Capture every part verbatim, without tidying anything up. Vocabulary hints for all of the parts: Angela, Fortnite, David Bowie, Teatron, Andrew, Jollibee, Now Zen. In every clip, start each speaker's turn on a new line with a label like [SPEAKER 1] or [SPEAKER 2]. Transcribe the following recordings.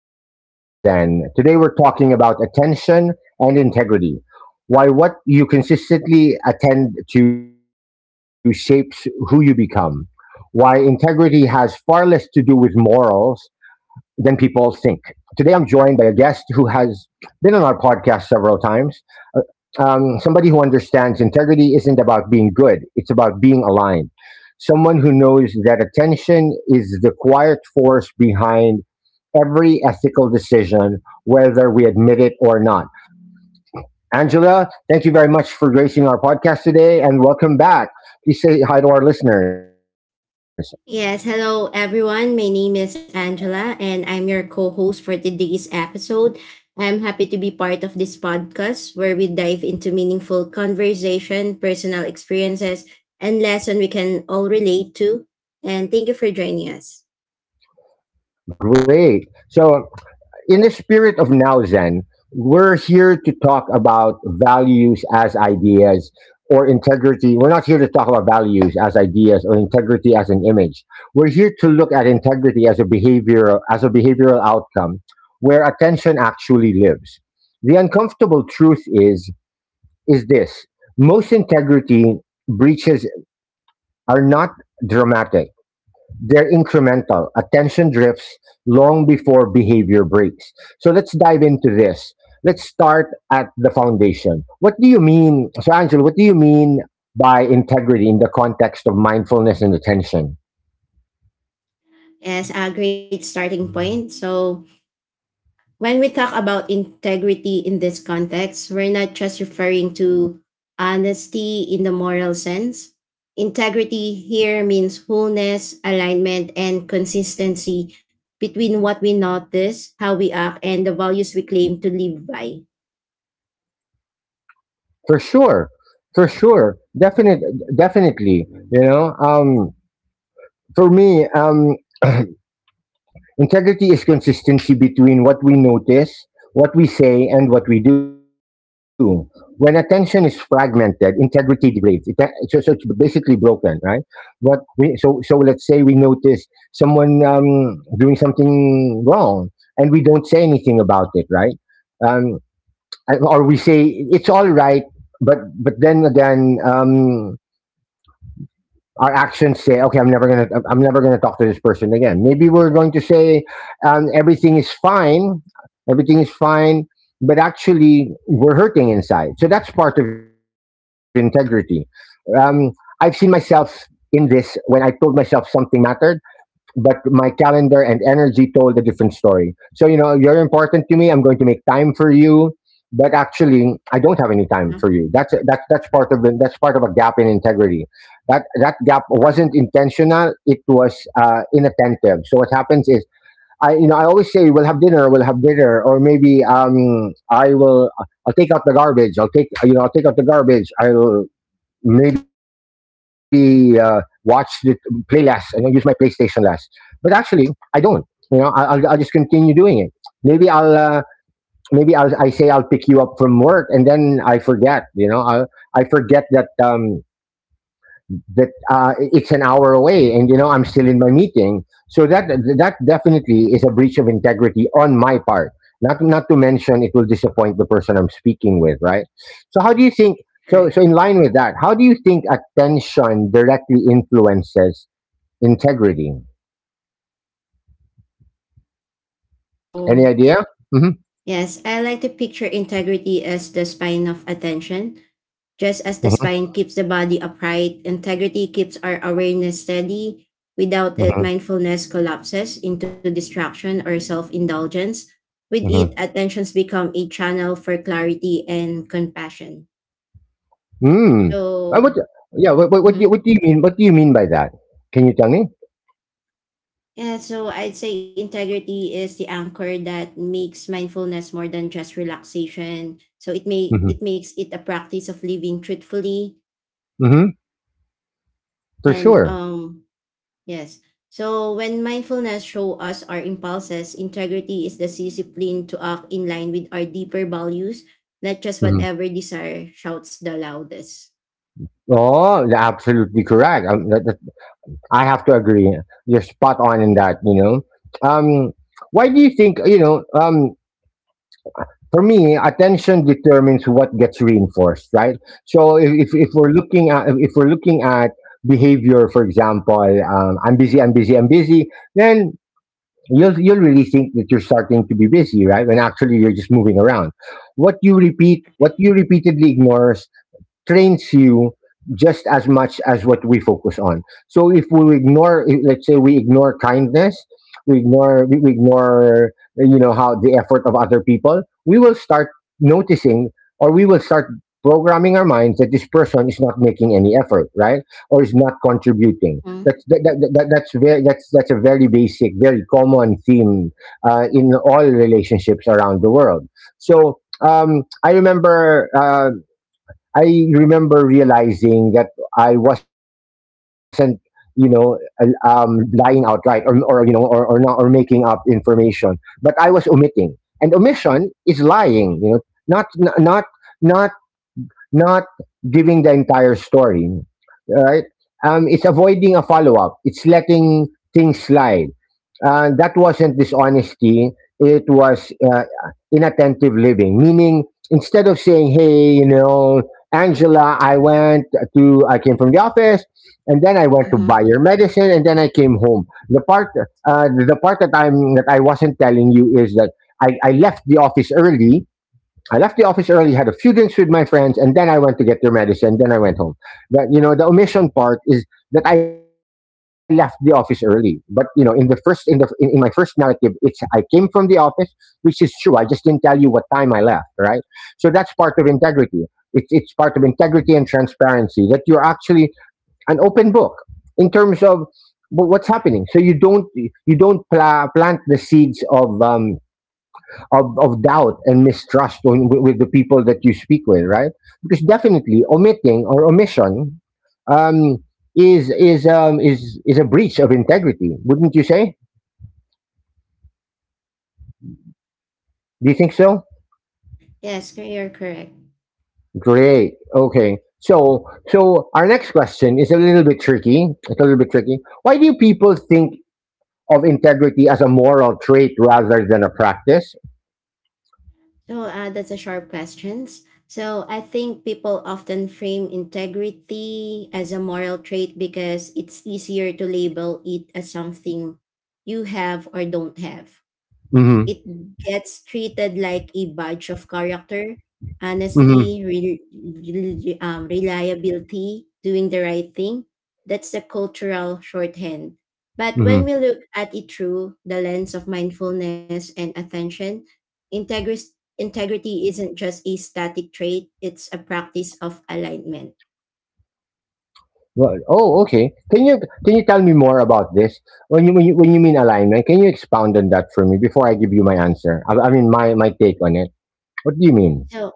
[SPEAKER 1] back to Now Zen. Today we're talking about attention and integrity. Why what you consistently attend to shapes who you become. Why integrity has far less to do with morals than people think. Today, I'm joined by a guest who has been on our podcast several times. Uh, Um, somebody who understands integrity isn't about being good, it's about being aligned. Someone who knows that attention is the quiet force behind every ethical decision, whether we admit it or not. Angela, thank you very much for gracing our podcast today and welcome back. Please say hi to our listeners.
[SPEAKER 2] Yes, hello everyone. My name is Angela and I'm your co host for today's episode. I'm happy to be part of this podcast where we dive into meaningful conversation, personal experiences, and lessons we can all relate to. And thank you for joining us
[SPEAKER 1] Great. So, In the spirit of Now Zen, we're here to talk about values as ideas or integrity. We're not here to talk about values as ideas or integrity as an image. We're here to look at integrity as a behavior as a behavioral outcome where attention actually lives. The uncomfortable truth is is this. Most integrity breaches are not dramatic, they're incremental. Attention drifts long before behavior breaks. So let's dive into this. Let's start at the foundation. What do you mean? So, Angela, what do you mean by integrity in the context of mindfulness and attention?
[SPEAKER 2] as a great starting point. So, when we talk about integrity in this context, we're not just referring to honesty in the moral sense. Integrity here means wholeness, alignment, and consistency between what we notice, how we act, and the values we claim to live by.
[SPEAKER 1] For sure. For sure. Definite, definitely. You know, um, for me, um, integrity is consistency between what we notice, what we say, and what we do. When attention is fragmented, integrity degrades. It, so, so it's basically broken, right? But we, so, so let's say we notice someone um, doing something wrong, and we don't say anything about it, right? Um, and- or we say it's all right, but but then again. Um, our actions say, okay, I'm never gonna, I'm never gonna talk to this person again. Maybe we're going to say, um, everything is fine, everything is fine, but actually we're hurting inside. So that's part of integrity. Um, I've seen myself in this when I told myself something mattered but my calendar and energy told a different story. So, you know, you're important to me. I'm going to make time for you. But actually, I don't have any time
[SPEAKER 2] No?
[SPEAKER 1] for you. That's that's that's part of the, that's part of a gap in integrity. That that gap wasn't intentional. It was uh, inattentive. So what happens is, I you know I always say we'll have dinner, we'll have dinner, or maybe um I will I'll take out the garbage. I'll take you know I'll take out the garbage. I'll maybe uh, watch the play less, you know, use my PlayStation less. But actually, I don't. You know, I- I'll, I'll just continue doing it. Maybe I'll uh, maybe I'll I say I'll pick you up from work and then I forget. You know, I I forget that. Um, that uh, it's an hour away and you know I'm still in my meeting, so that that definitely is a breach of integrity on my part, not not to mention it will disappoint the person I'm speaking with, right? so how do you think so
[SPEAKER 2] Correct.
[SPEAKER 1] so in line with that, how do you think attention directly influences integrity? Any
[SPEAKER 2] So,
[SPEAKER 1] idea? Mm-hmm,
[SPEAKER 2] yes, I like to picture integrity as the spine of attention. Just as the
[SPEAKER 1] mm-hmm,
[SPEAKER 2] spine keeps the body upright, integrity keeps our awareness steady. Without it,
[SPEAKER 1] mm-hmm,
[SPEAKER 2] mindfulness collapses into distraction or self indulgence. With it,
[SPEAKER 1] mm-hmm.
[SPEAKER 2] attentions become a channel for clarity and compassion.
[SPEAKER 1] Mm. Uh, what
[SPEAKER 2] So,
[SPEAKER 1] yeah what, what, what, do you,
[SPEAKER 2] mhm.
[SPEAKER 1] what do you mean, what do you mean by that? Can you tell me?
[SPEAKER 2] Yeah, so I'd say integrity is the anchor that makes mindfulness more than just relaxation. So it may
[SPEAKER 1] Mm-hmm.
[SPEAKER 2] it makes it a practice of living truthfully
[SPEAKER 1] Mm-hmm. For
[SPEAKER 2] and
[SPEAKER 1] sure.
[SPEAKER 2] um yes. So when mindfulness show us our impulses, integrity is the discipline to act in line with our deeper values, not just
[SPEAKER 1] Mm-hmm.
[SPEAKER 2] whatever desire shouts the loudest.
[SPEAKER 1] Oh, you're absolutely correct. Um, that- that- I have to agree. You're spot on in
[SPEAKER 2] Mhm.
[SPEAKER 1] that. You know, um, why do you think? You know, um, for me, attention determines what gets reinforced, right? So if, if, if
[SPEAKER 2] Right,
[SPEAKER 1] we're looking at, if we're looking at behavior, for example, um, I'm busy, I'm busy, I'm busy, then you'll you'll really think that you're starting to be busy, right? When actually you're just moving around. What you repeat, what you
[SPEAKER 2] right.
[SPEAKER 1] repeatedly ignore trains you just as much as what we focus on. So if we ignore, if- let's say we ignore kindness, we ignore, we we ignore, you know, how the effort of other people, we will start noticing, or we will start programming our minds that this person is not making any effort, right? Or is not contributing. That's,
[SPEAKER 2] Mm,
[SPEAKER 1] that, that, that, that's, very, that's, that's a very basic, very common theme uh, in all relationships around the world. So um, I remember uh, I remember realizing that I wasn't, you know, al- um, lying outright, or, or you know, or, or not, or making up information, but I was omitting. And omission is lying, you know, not, n- not, not not giving the entire story, right? Um, it's avoiding a follow up. It's letting things slide. Uh, that wasn't dishonesty. It was uh, inattentive living. Meaning, instead of saying, "Hey, you know, Angela, I went to, I came from the office, and then I went to buy
[SPEAKER 2] mhm.
[SPEAKER 1] your medicine, and then I came home." The part, uh, the part that I'm that I wasn't telling you is that, I, I left the office early, I left the office early, had a few drinks with my friends, and then I went to get their medicine. Then I went home. But you know, the omission part is that I left the office early. But you know, in the first in the in, in my first narrative, it's I came from the office, which is true. I just didn't tell you what time I left, right? So that's part of integrity. It's it's part of integrity and transparency that you're actually an open book in terms of wh- what's happening. So you don't you don't pla- plant the seeds of um, of, of doubt and mistrust on, with, with the people that you speak with, right? Because definitely omitting or omission, um, is is um, is is a breach of integrity, wouldn't you say? Do you think so?
[SPEAKER 2] Yes, cor- you're correct.
[SPEAKER 1] Great. Okay. So, so our next question is a little bit tricky. It's a little bit tricky. Why do people think of integrity as a moral trait rather than a practice?
[SPEAKER 2] So uh, that's a sharp questions. So I think people often frame integrity as a moral trait because it's easier to label it as something you have or don't have. It
[SPEAKER 1] Mm-hmm.
[SPEAKER 2] gets treated like a badge of character: honesty,
[SPEAKER 1] Mm-hmm.
[SPEAKER 2] re- re- um, reliability, doing the right thing. That's the cultural shorthand. But
[SPEAKER 1] Mm-hmm.
[SPEAKER 2] when we look at it through the lens of mindfulness and attention, integris- integrity isn't just a static trait, it's a practice of alignment.
[SPEAKER 1] Well, oh, okay. Can you can you tell me more about this? When you when you, when you mean alignment, can you expound on that for me before I give you my answer? I, I mean my my take on it. What do you mean?
[SPEAKER 2] So,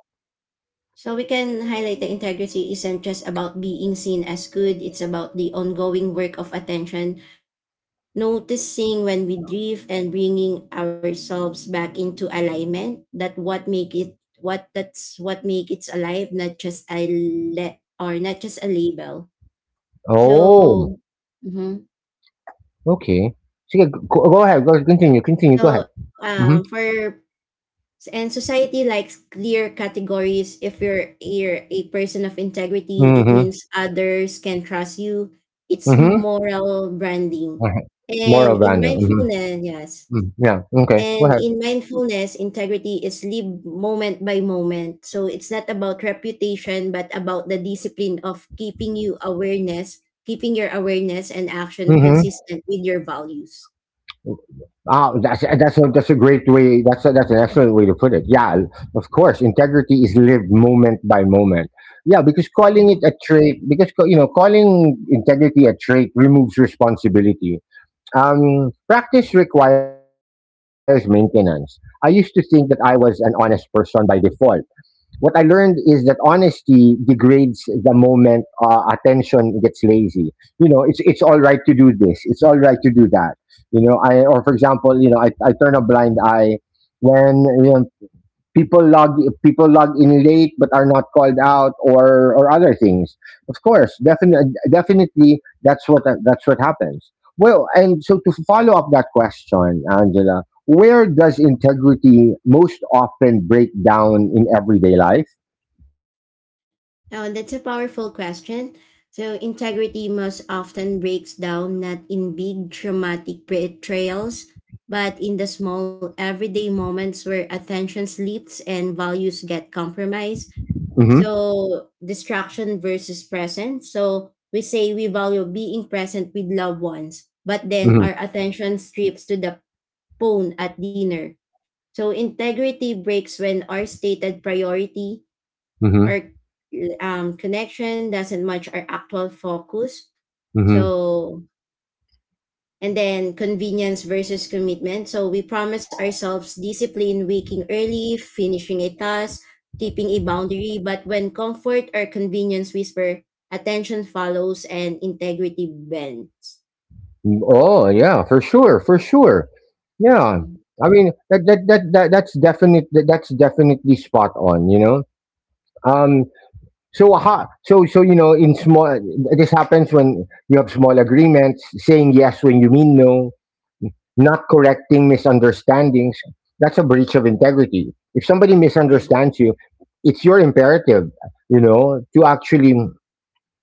[SPEAKER 2] so we can highlight the integrity isn't just about being seen as good, it's about the ongoing work of attention, noticing when we drift and bringing ourselves back into alignment. That what make it what that's what make it alive, not just a le- or not just a label.
[SPEAKER 1] Oh,
[SPEAKER 2] So, mhm.
[SPEAKER 1] okay. Sige, go, go ahead. Go, continue. Continue. Go
[SPEAKER 2] so
[SPEAKER 1] ahead.
[SPEAKER 2] um,
[SPEAKER 1] Mhm.
[SPEAKER 2] for and society likes clear categories. If you're you're a person of integrity, it
[SPEAKER 1] Mhm.
[SPEAKER 2] means others can trust you. It's
[SPEAKER 1] Mhm.
[SPEAKER 2] moral branding,
[SPEAKER 1] Alright.
[SPEAKER 2] and
[SPEAKER 1] Moral
[SPEAKER 2] in
[SPEAKER 1] branding. Mhm.
[SPEAKER 2] mindfulness, yes,
[SPEAKER 1] Mm, yeah. Okay.
[SPEAKER 2] and
[SPEAKER 1] Go ahead.
[SPEAKER 2] in mindfulness, integrity is lived moment by moment. So it's not about reputation, but about the discipline of keeping you awareness, keeping your awareness and action
[SPEAKER 1] Mm-hmm.
[SPEAKER 2] consistent with your values.
[SPEAKER 1] Oh, that's that's a, that's a great way. That's a, that's an excellent way to put it. Yeah, of course, integrity is lived moment by moment. Yeah, because calling it a trait, because ca- you know, calling integrity a trait removes responsibility. Um, practice requires maintenance. I used to think that I was an honest person by default. What I learned is that honesty degrades the moment uh, attention gets lazy. You know, it's it's all right to do this. It's all right to do that. You know, I, or for example, you know, I, I turn a blind eye when, you know, people log people log in late but are not called out, or or other things. Of course, definitely, definitely, that's what that's what happens. Well, and so to follow up that question, Angela, where does integrity most often break down in everyday life?
[SPEAKER 2] Oh, that's a powerful question. So, integrity most often breaks down not in big dramatic betrayals, but in the small everyday moments where attention slips and values get compromised.
[SPEAKER 1] Mm-hmm,
[SPEAKER 2] So, distraction versus presence. So, we say we value being present with loved ones, but then
[SPEAKER 1] mm-hmm,
[SPEAKER 2] our attention strips to the phone at dinner. So, integrity breaks when our stated priority
[SPEAKER 1] mm-hmm.
[SPEAKER 2] our um, connection doesn't match our actual focus.
[SPEAKER 1] Mm-hmm.
[SPEAKER 2] So, and then convenience versus commitment. So, we promise ourselves discipline: waking early, finishing a task, keeping a boundary. But when comfort or convenience whisper, attention follows and integrity bends.
[SPEAKER 1] Oh yeah, for sure, for sure, yeah.
[SPEAKER 2] Mhm.
[SPEAKER 1] I mean that, that, that, that that's definite that, That's definitely spot on, you know. So ha, so so you know, in small, this happens when you have small agreements, saying yes when you mean no, not correcting misunderstandings. That's a breach of integrity. If somebody
[SPEAKER 2] Yeah.
[SPEAKER 1] misunderstands you, it's your imperative, you know, to actually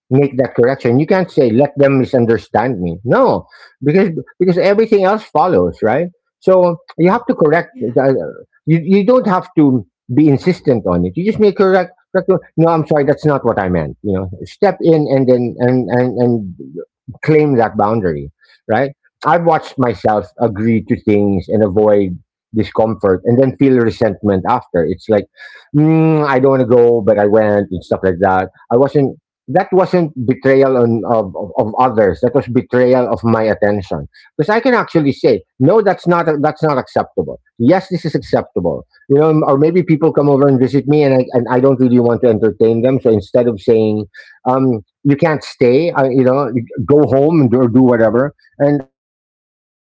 [SPEAKER 1] make that correction. You can't say let them misunderstand me. No, because because everything else follows, right? So you have to correct.
[SPEAKER 2] Yeah.
[SPEAKER 1] the- You you don't have to be insistent on it. You just make correct. Correct No, I'm sorry, that's not what I meant. You know, step in and then and and and claim that boundary, right? I've watched myself agree to things and avoid discomfort and then feel resentment after. It's like, mm, I don't want to go, but I went and stuff like that. I wasn't that wasn't betrayal on, of, of, of others, that was betrayal of my attention, because I can actually say no, that's not that's not acceptable, yes this is acceptable. You know, or maybe people come over and visit me and, I, and I don't really want to entertain them, so instead of saying, um, you can't stay, I, you know go home and do, or do whatever, and I, I don't I,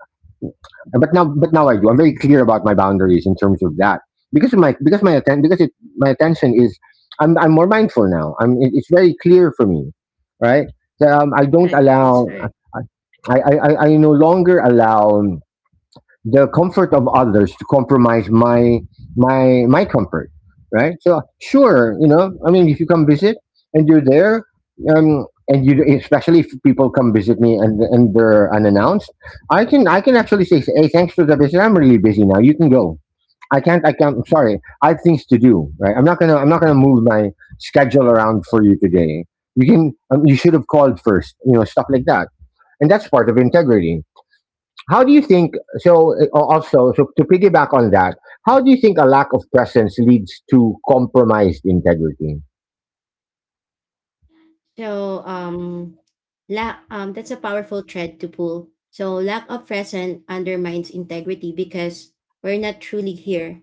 [SPEAKER 1] but now, but now I do. I'm very clear about my boundaries in terms of that, because of my because my atten- because it my attention is, I'm I'm more mindful now. I'm it, it's very clear for me, right? So, um, I don't
[SPEAKER 2] Right.
[SPEAKER 1] allow
[SPEAKER 2] That's right.
[SPEAKER 1] I, I I I no longer allow the comfort of others to compromise my my my comfort, right? So, sure, you know I mean, if you come visit and you're there, um and you, especially if people come visit me, and and they're unannounced, i can i can actually say, "Hey, thanks for the visit. I'm really busy now. You can go. I can't i can't I'm sorry, I have things to do, right? I'm not gonna i'm not gonna move my schedule around for you today. You can um, you should have called first. You know stuff like that." And that's part of integrity. How do you think? So uh, also, so to piggyback on that, how do you think a lack of presence leads to compromised integrity?
[SPEAKER 2] So um lack um that's a powerful thread to pull. So lack of presence undermines integrity because we're not truly here,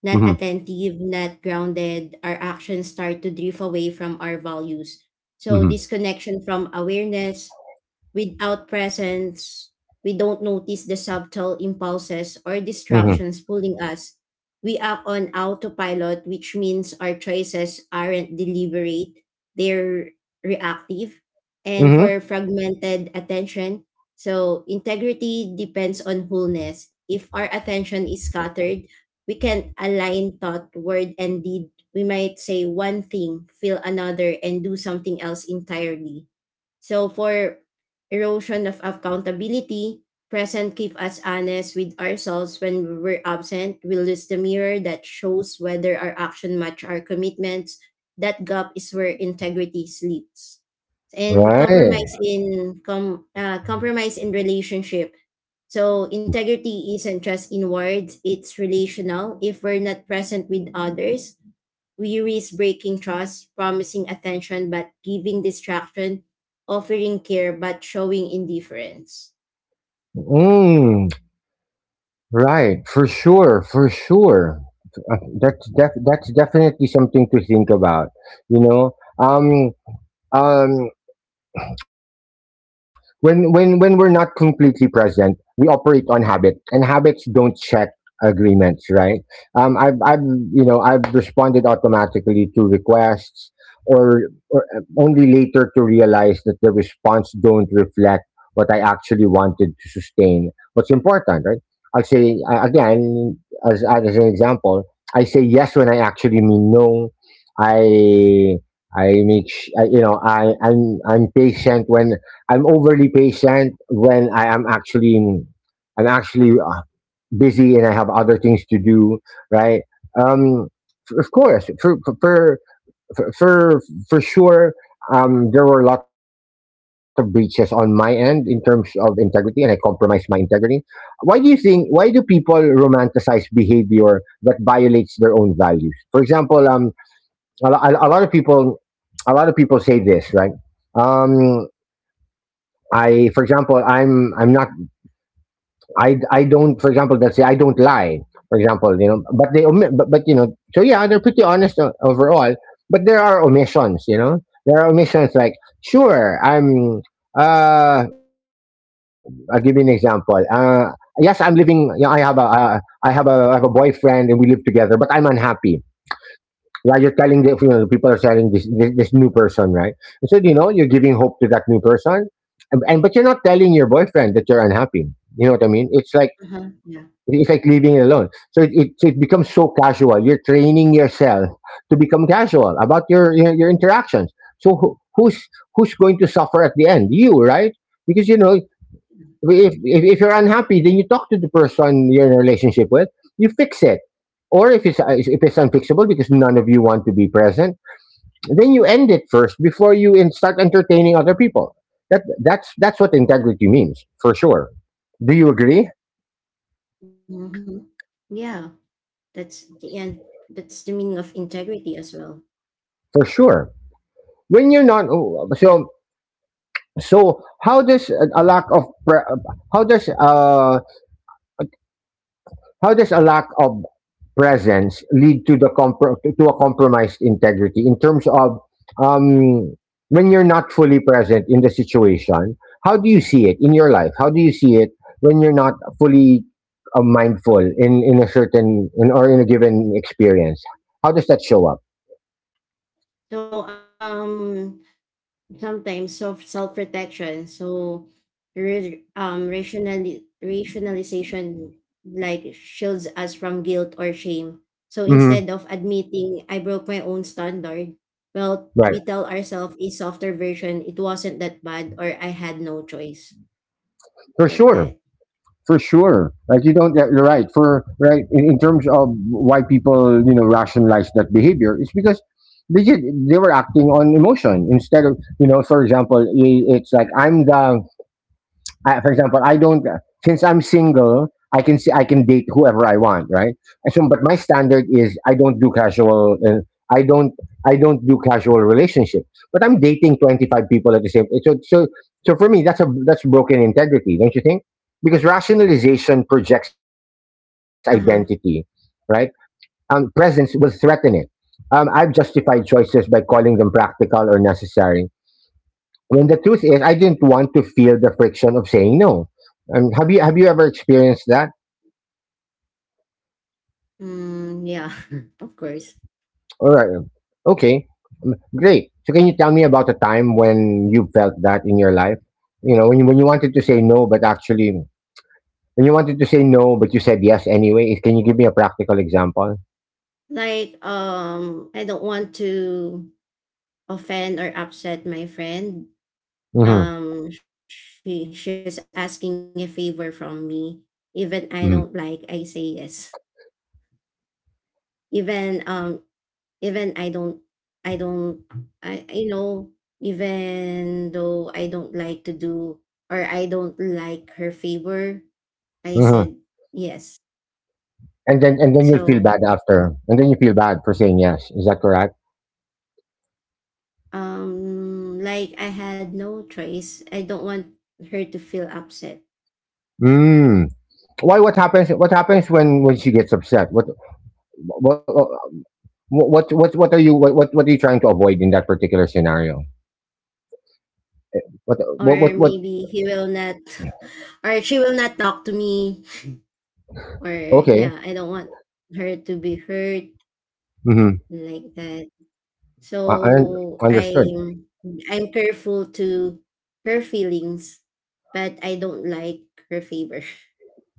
[SPEAKER 2] not
[SPEAKER 1] Hmm.
[SPEAKER 2] attentive, not grounded. Our actions start to drift away from our values. So
[SPEAKER 1] Hmm.
[SPEAKER 2] disconnection from awareness. Without presence, we don't notice the subtle impulses or
[SPEAKER 1] Hmm.
[SPEAKER 2] distractions pulling us. We act on autopilot, which means our choices aren't deliberate, they're reactive and
[SPEAKER 1] Hmm.
[SPEAKER 2] for fragmented attention. So, integrity depends on wholeness. If our attention is scattered, we can align thought, word, and deed. We might say one thing, feel another, and do something else entirely. So for erosion of accountability, present keep us honest with ourselves. When we're absent, we lose the mirror that shows whether our action match our commitments. That gap is where integrity sleeps. And
[SPEAKER 1] Right.
[SPEAKER 2] compromise in com, uh, compromise in relationship. So integrity isn't just in words, it's relational. If we're not present with others, we risk breaking trust, promising attention but giving distraction, offering care but showing indifference.
[SPEAKER 1] Mm, right. For sure. For sure. Uh, That's def- that's definitely something to think about. You know. Um. Um. when when when we're not completely present, we operate on habit, and habits don't check agreements, right? um I've I've you know I've responded automatically to requests, or, or uh, only later to realize that the response don't reflect what I actually wanted to sustain, what's important, right? I'll say, uh, again, as, as an example, I say yes when I actually mean no. i I make, sh- I, you know, I, I'm, I'm patient when I'm overly patient when I am actually, I'm actually uh, busy and I have other things to do, right? Um, f- of course, for, for, for, for, for sure, um, there were a lot of breaches on my end in terms of integrity, and I compromised my integrity. Why do you think? Why do people romanticize behavior that violates their own values? For example, um, a, lo- a lot of people a lot of people say this, right? um i for example i'm i'm not i i don't, for example, let's say I don't lie, for example, you know, but they omit, but, but you know, so yeah, they're pretty honest, o- overall. But there are omissions, you know there are omissions like, sure, i'm uh I'll give you an example. Uh yes, I'm living, you know I have a uh, I have a I have a boyfriend, and we live together, but I'm unhappy. Yeah, you're telling the, you know, the people are telling this, this this new person, right? And so, you know you're giving hope to that new person, and, and but you're not telling your boyfriend that you're unhappy. You know what I mean? It's like
[SPEAKER 2] Uh-huh. Yeah.
[SPEAKER 1] it's like leaving it alone. So it, it, it becomes so casual. You're training yourself to become casual about your your, your interactions. So who, who's who's going to suffer at the end? You, right? Because, you know if,
[SPEAKER 2] Yeah.
[SPEAKER 1] if if you're unhappy, then you talk to the person you're in a relationship with. You fix it, or if it's if it's unfixable because none of you want to be present, then you end it first before you in start entertaining other people. That that's that's what integrity means, for sure. Do you agree?
[SPEAKER 2] Hmm. Yeah, that's the end. That's the meaning of integrity as well.
[SPEAKER 1] For sure. When you're not
[SPEAKER 2] Yeah.
[SPEAKER 1] oh, so so, how does a a lack of pre- how does uh how does a lack of presence lead to the compro- to to a compromised integrity in terms of, um, when you're not fully present in the situation? How do you see it in your life? How do you see it when you're not fully uh, mindful in, in a certain in, or in a given experience? How does that show up?
[SPEAKER 2] So um, sometimes self self protection. So re- um rationali- rationalization like shields us from guilt or shame. So
[SPEAKER 1] Hmm.
[SPEAKER 2] instead of admitting I broke my own standard, well
[SPEAKER 1] Right,
[SPEAKER 2] we tell ourselves a softer version. It wasn't that bad, or I had no choice,
[SPEAKER 1] for
[SPEAKER 2] like
[SPEAKER 1] sure.
[SPEAKER 2] that.
[SPEAKER 1] For sure, like you don't, yeah, you're right, for right in, in terms of why people, you know rationalize that behavior. It's because they did, they were acting on emotion instead of, you know for example, i- it's like i'm the I, for example, I don't since I'm single, I can see I can date whoever I want, right? And so, but my standard is, I don't do casual. Uh, I don't I don't do casual relationships. But I'm dating twenty-five people at the same. So so so for me, that's a that's broken integrity, don't you think? Because rationalization projects identity,
[SPEAKER 2] Uh huh.
[SPEAKER 1] right? Um, presence will threaten it. Um, I've justified choices by calling them practical or necessary when the truth is, I didn't want to feel the friction of saying no. Um, have you have you ever experienced that?
[SPEAKER 2] Mm, yeah, of course.
[SPEAKER 1] All right, okay, mm, great. So can you tell me about a time when you felt that in your life? You know, when you, when you wanted to say no, but actually, when you wanted to say no, but you said yes anyway. Is- Can you give me a practical example?
[SPEAKER 2] Like um, I don't want to offend or upset my friend.
[SPEAKER 1] Mm-hmm.
[SPEAKER 2] Um, she she's asking a favor from me. Even I don't
[SPEAKER 1] Hmm.
[SPEAKER 2] like, I say yes. Even um, even I don't, I don't, I I know. Even though I don't like to do or I don't like her favor, I
[SPEAKER 1] Hmm.
[SPEAKER 2] said yes.
[SPEAKER 1] And then and then you'll feel bad
[SPEAKER 2] So
[SPEAKER 1] after, and then you feel bad for saying yes. Is that correct?
[SPEAKER 2] um, like I had no choice. I don't want her to feel upset,
[SPEAKER 1] Mm. Why? What happens? What happens when when she gets upset? What? What? Wh- What what what are you what what, what are you trying to avoid in that particular scenario? What
[SPEAKER 2] or
[SPEAKER 1] what what, what
[SPEAKER 2] maybe he will not, or she will not talk to me, or
[SPEAKER 1] Okay.
[SPEAKER 2] yeah, I don't want her to be hurt
[SPEAKER 1] Mm-hmm.
[SPEAKER 2] like that.
[SPEAKER 1] I, I un-
[SPEAKER 2] So
[SPEAKER 1] understood.
[SPEAKER 2] I'm I'm careful to her feelings, but I don't like her favor.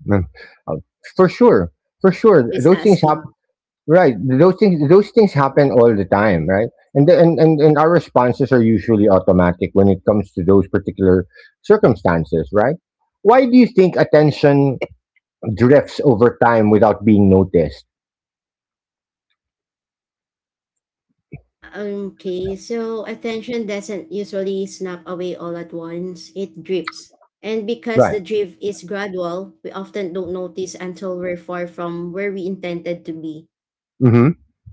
[SPEAKER 1] Mm. Uh, For sure. For sure.
[SPEAKER 2] She's
[SPEAKER 1] Those things happen,
[SPEAKER 2] asking.
[SPEAKER 1] right. Those things those things happen all the time, right? And, the, and and and our responses are usually automatic when it comes to those particular circumstances, right? Why do you think attention drifts over time without being noticed?
[SPEAKER 2] Okay, so attention doesn't usually snap away all at once. It drips. And because
[SPEAKER 1] Right.
[SPEAKER 2] the drift is gradual, we often don't notice until we're far from where we intended to be.
[SPEAKER 1] Mm-hmm.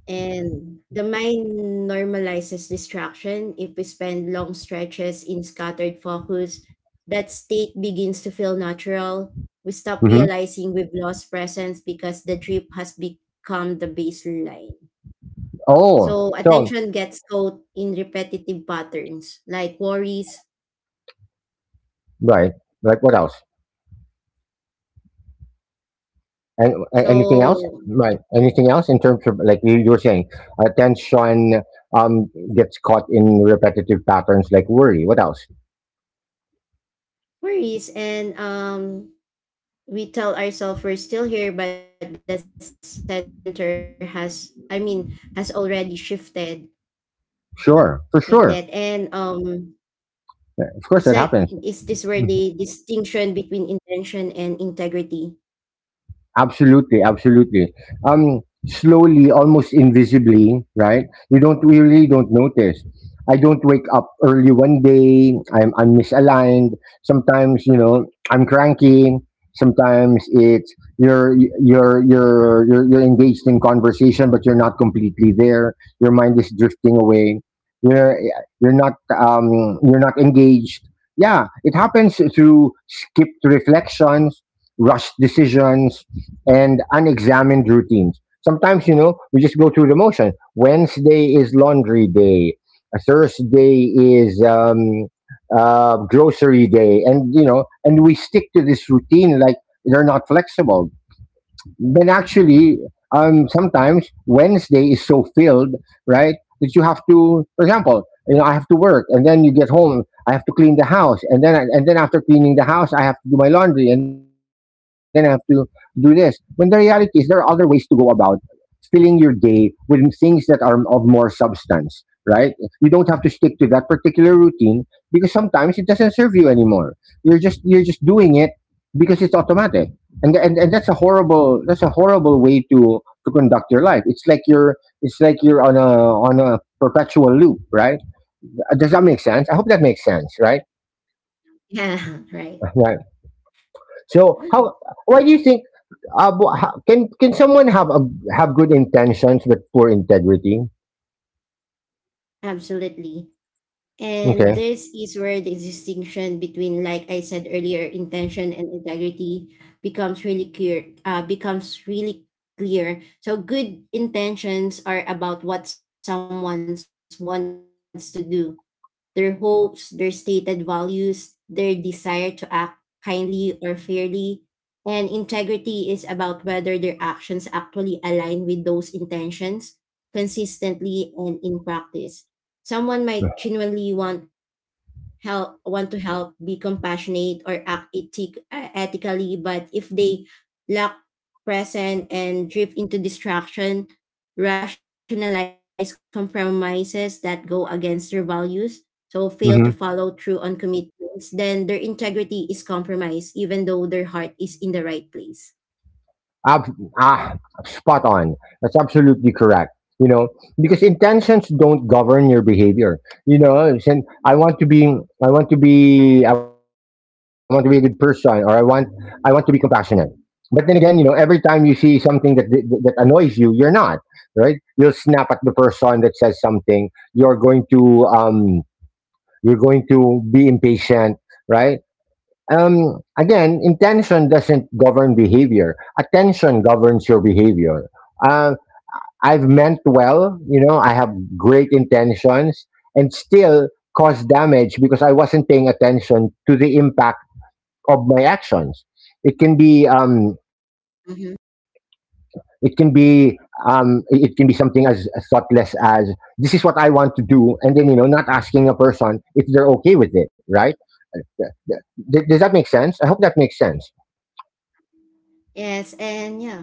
[SPEAKER 2] And the mind normalizes distraction if we spend long stretches in scattered focus. That state begins to feel natural. We stop
[SPEAKER 1] Mm-hmm.
[SPEAKER 2] realizing we've lost presence because the trip has become the baseline.
[SPEAKER 1] Oh,
[SPEAKER 2] So
[SPEAKER 1] so,
[SPEAKER 2] attention gets caught in repetitive patterns like worries.
[SPEAKER 1] right. Like, what else? And a- anything else?
[SPEAKER 2] So
[SPEAKER 1] Right. Anything else in terms of, like, you, you were saying, attention um gets caught in repetitive patterns like worry. What else?
[SPEAKER 2] worries and um We tell ourselves we're still here but the center has, I mean, has already shifted, like that, and
[SPEAKER 1] Sure, for
[SPEAKER 2] um
[SPEAKER 1] sure.
[SPEAKER 2] it's like
[SPEAKER 1] Yeah,
[SPEAKER 2] is
[SPEAKER 1] of
[SPEAKER 2] this
[SPEAKER 1] course,
[SPEAKER 2] where
[SPEAKER 1] that
[SPEAKER 2] the
[SPEAKER 1] happens.
[SPEAKER 2] distinction between intention and integrity.
[SPEAKER 1] Absolutely, absolutely. Um, Slowly, almost invisibly, right? You don't We really don't notice. I don't wake up early one day. I'm I'm misaligned. Sometimes, you know I'm cranky. Sometimes it's you're you're you're you're you're engaged in conversation, but you're not completely there. Your mind is drifting away. You're you're not um you're not engaged. Yeah, it happens through skipped reflections, rushed decisions, and unexamined routines. Sometimes, you know, we just go through the motion. Wednesday is laundry day. A Thursday is, um, uh, grocery day, and, you know, and we stick to this routine like they're not flexible. Then actually, um, sometimes Wednesday is so filled, right? That you have to, for example, you know, I have to work, and then you get home, I have to clean the house, and then I, and then after cleaning the house, I have to do my laundry, and then I have to do this. When the reality is, there are other ways to go about filling your day with things that are of more substance, right? You don't have to stick to that particular routine because sometimes it doesn't serve you anymore. You're just you're just doing it because it's automatic. And, and, and that's a horrible that's a horrible way to to conduct your life. It's like you're it's like you're on a on a perpetual loop, right? Uh, Does that make sense? I hope that makes sense, right?
[SPEAKER 2] Yeah, right.
[SPEAKER 1] Right. So, how why do you think uh, wh- how- can can someone have a, have good intentions but poor integrity?
[SPEAKER 2] Absolutely, and
[SPEAKER 1] Okay.
[SPEAKER 2] this is where the distinction between, like I said earlier, intention and integrity becomes really clear, uh, becomes really clear so good intentions are about what someone wants to do: their hopes, their stated values, their desire to act kindly or fairly. And integrity is about whether their actions actually align with those intentions consistently and in practice. Someone might genuinely want help want to help, be compassionate or act ethic, uh, ethically, but if they lack present and drift into distraction, rationalize compromises that go against their values, so fail
[SPEAKER 1] Mm-hmm.
[SPEAKER 2] to follow through on commitments, then their integrity is compromised even though their heart is in the right place.
[SPEAKER 1] Ab- ah, Spot on. That's absolutely correct. You know, because intentions don't govern your behavior. You know, and I want to be, I want to be, I want to be a good person, or I want, I want to be compassionate. But then again, you know, every time you see something that that annoys you, you're not right. You'll snap at the person that says something. You're going to, um, you're going to be impatient, right? Um, again, intention doesn't govern behavior. Attention governs your behavior. Uh, I've meant well, you know, I have great intentions and still cause damage because I wasn't paying attention to the impact of my actions. It can be, um,
[SPEAKER 2] Mhm.
[SPEAKER 1] it can be, um, it it can be something as thoughtless as this is what I want to do, and then, you know, not asking a person if they're okay with it, right? Uh, Th- th- Does that make sense? I hope that makes sense.
[SPEAKER 2] Yes, and yeah.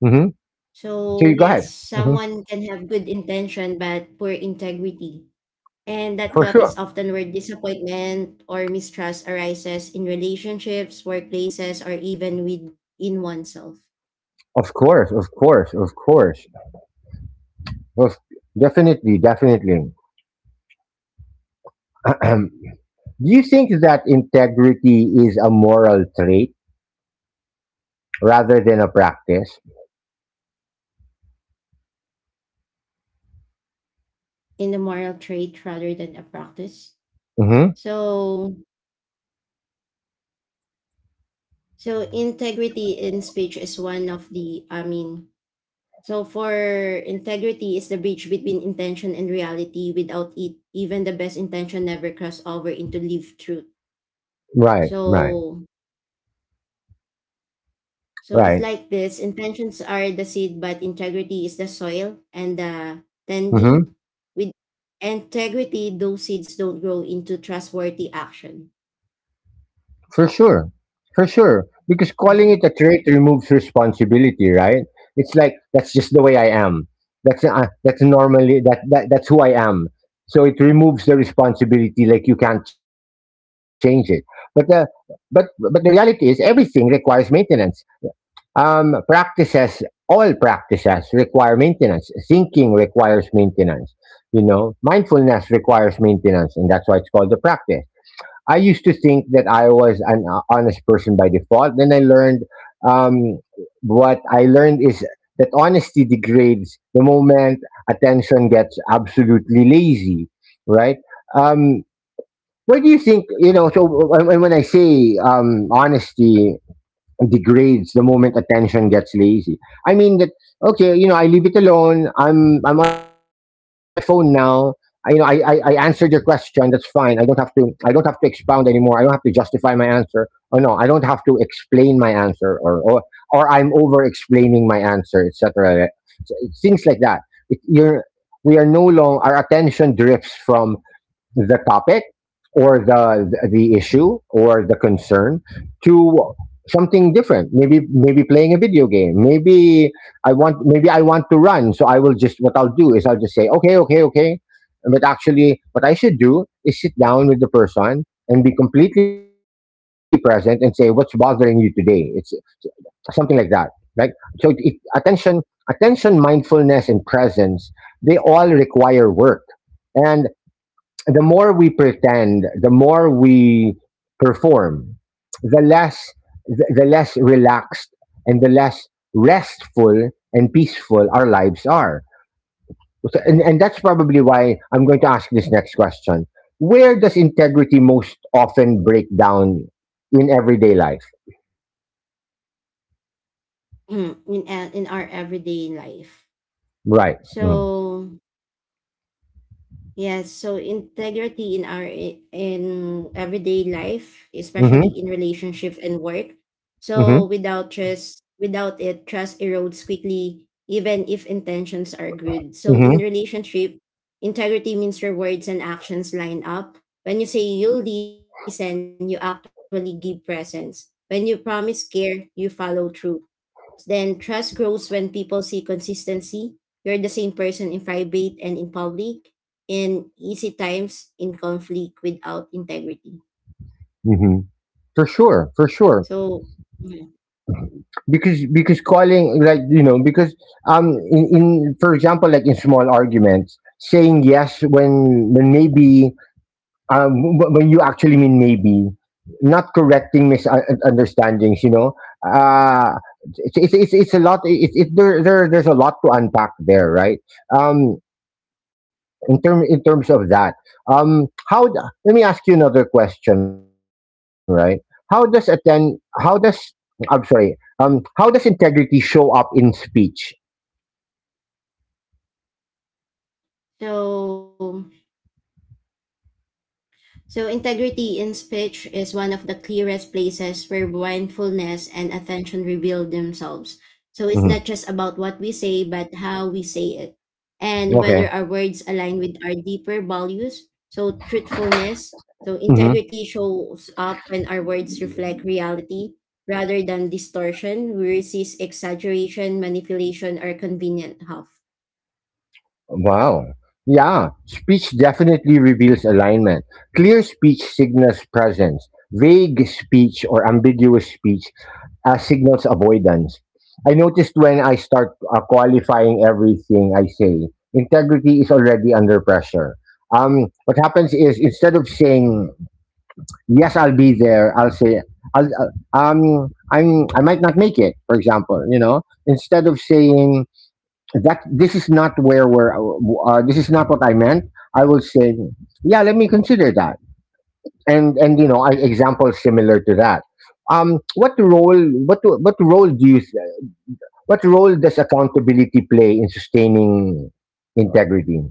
[SPEAKER 1] Hmm.
[SPEAKER 2] So,
[SPEAKER 1] So, you go
[SPEAKER 2] yes,
[SPEAKER 1] ahead. Hmm.
[SPEAKER 2] someone can have good intention but poor integrity. And that
[SPEAKER 1] For
[SPEAKER 2] gap is
[SPEAKER 1] sure.
[SPEAKER 2] often where disappointment or mistrust arises in relationships, workplaces, or even within oneself
[SPEAKER 1] Of course. Of course. Of course. Of Definitely. Definitely. Do you think that integrity is a moral trait rather than a practice?
[SPEAKER 2] in the moral trait rather than a practice.
[SPEAKER 1] Hmm.
[SPEAKER 2] So, So integrity in speech is one of the, I mean, so for integrity is the bridge between intention and reality. Without it, even the best intention never cross over into lived truth.
[SPEAKER 1] Right. Right.
[SPEAKER 2] So so it's
[SPEAKER 1] Right.
[SPEAKER 2] like this: intentions are the seed but integrity is the soil and the
[SPEAKER 1] Hmm.
[SPEAKER 2] tending. With integrity those seeds don't grow into trustworthy action.
[SPEAKER 1] For sure. For sure. Because calling
[SPEAKER 2] Mhm.
[SPEAKER 1] it a trait removes responsibility, right? It's like, that's just the way I am. That's uh, that's normally that, that that's who I am. So it removes the responsibility, like you can't change it. But the, but but the reality is everything requires maintenance. Um practices, all practices require maintenance. Thinking requires maintenance. You know, mindfulness requires maintenance, and that's why it's called a practice. I used to think that I was an ho- honest person by default. Then I learned um, what I learned is that honesty degrades the moment attention gets absolutely lazy, right? Um, where do you think you know? So when, when when I say um, honesty degrades the moment attention gets lazy. I mean that okay, you know, I leave it alone. I'm I'm on my phone now. I, you know, I, I, I answered your question. That's fine. I don't have to. I don't have to expound anymore. I don't have to justify my answer. Or no, I don't have to explain my answer. Or or, or I'm over explaining my answer, et cetera. So, things like that. It, you're We are no long. Our attention drifts from the topic or the the issue or the concern to something different, maybe maybe playing a video game, maybe I want, maybe I want to run, so I will just, what I'll do is I'll just say okay, okay, okay, but actually what I should do is sit down with the person and be completely present and say, what's bothering you today? It's something like that, right? So it, it, attention, attention, mindfulness, and presence, they all require work, and the more we pretend, the more we perform, the less, the, the less relaxed and the less restful and peaceful our lives are. So- and, and that's probably why I'm going to ask this next question. Where does integrity most often break down in everyday life?
[SPEAKER 2] Mm, in, a- in our everyday life.
[SPEAKER 1] Right. Mm-hmm.
[SPEAKER 2] So, yes, so integrity in our in everyday life, especially
[SPEAKER 1] Mm-hmm.
[SPEAKER 2] in relationship and work.
[SPEAKER 1] Mm-hmm.
[SPEAKER 2] So without trust, without it, trust erodes quickly, even if intentions are good. So in
[SPEAKER 1] Mm-hmm.
[SPEAKER 2] relationship, integrity means your words and actions line up. When you say you'll listen, you actually give presence. When you promise care, you follow through. Then trust grows when people see consistency. You're the same person in private and in public, in easy times, in conflict without integrity.
[SPEAKER 1] Mm-hmm. For sure. For sure.
[SPEAKER 2] So, yeah.
[SPEAKER 1] because because calling, like you know because um in, in for example, like in small arguments, saying yes when when maybe, um wh- when you actually mean maybe, not correcting misunderstandings, you know uh it's it's it's, a lot, it, it there, there there's a lot to unpack there, right? um in term, in terms of that, um how d-, let me ask you another question, right? How does attend, how does, I'm sorry. Um, how does integrity show up in speech?
[SPEAKER 2] so So, integrity in speech is one of the clearest places where mindfulness and attention reveal themselves. So, it's not
[SPEAKER 1] Mhm.
[SPEAKER 2] just about what we say, but how we say it, and
[SPEAKER 1] Okay.
[SPEAKER 2] whether our words align with our deeper values. So, truthfulness. So,
[SPEAKER 1] Hmm.
[SPEAKER 2] integrity shows up when our words reflect reality rather than distortion. We resist exaggeration, manipulation, or convenient huff.
[SPEAKER 1] Wow. Yeah, speech definitely reveals alignment. Clear speech signals presence. Vague speech or ambiguous speech uh, signals avoidance. I noticed when I start uh, qualifying everything I say, integrity is already under pressure. Um, what happens is, instead of saying yes, I'll be there, I'll say, I'll uh, um I'm, I might not make it, for example, you know. Instead of saying that this is not where we're uh, this is not what I meant, I will say, yeah, let me consider that, and and you know, I example, similar to that. um what role, what what role do you th-, what role does accountability play in sustaining integrity?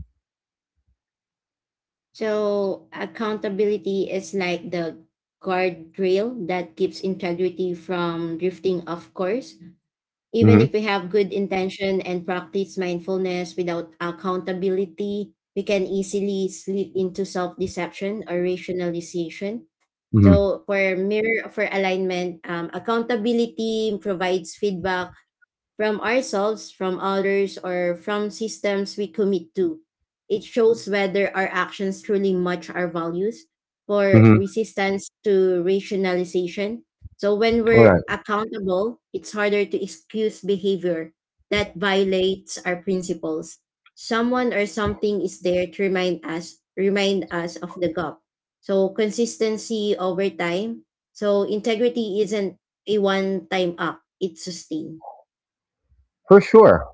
[SPEAKER 2] So accountability is like the guardrail that keeps integrity from drifting off course. Even
[SPEAKER 1] Mm-hmm.
[SPEAKER 2] if we have good intention and practice mindfulness without accountability, we can easily slip into self-deception or rationalization.
[SPEAKER 1] Mm-hmm.
[SPEAKER 2] So for mirror for alignment, um, accountability provides feedback from ourselves, from others, or from systems we commit to. It shows whether our actions truly match our values for
[SPEAKER 1] Mm-hmm.
[SPEAKER 2] resistance to rationalization. So when
[SPEAKER 1] All
[SPEAKER 2] we're
[SPEAKER 1] right.
[SPEAKER 2] accountable, it's harder to excuse behavior that violates our principles. Someone or something is there to remind us remind us of the gap. So consistency over time. So integrity isn't a one time act, it's sustained.
[SPEAKER 1] For sure.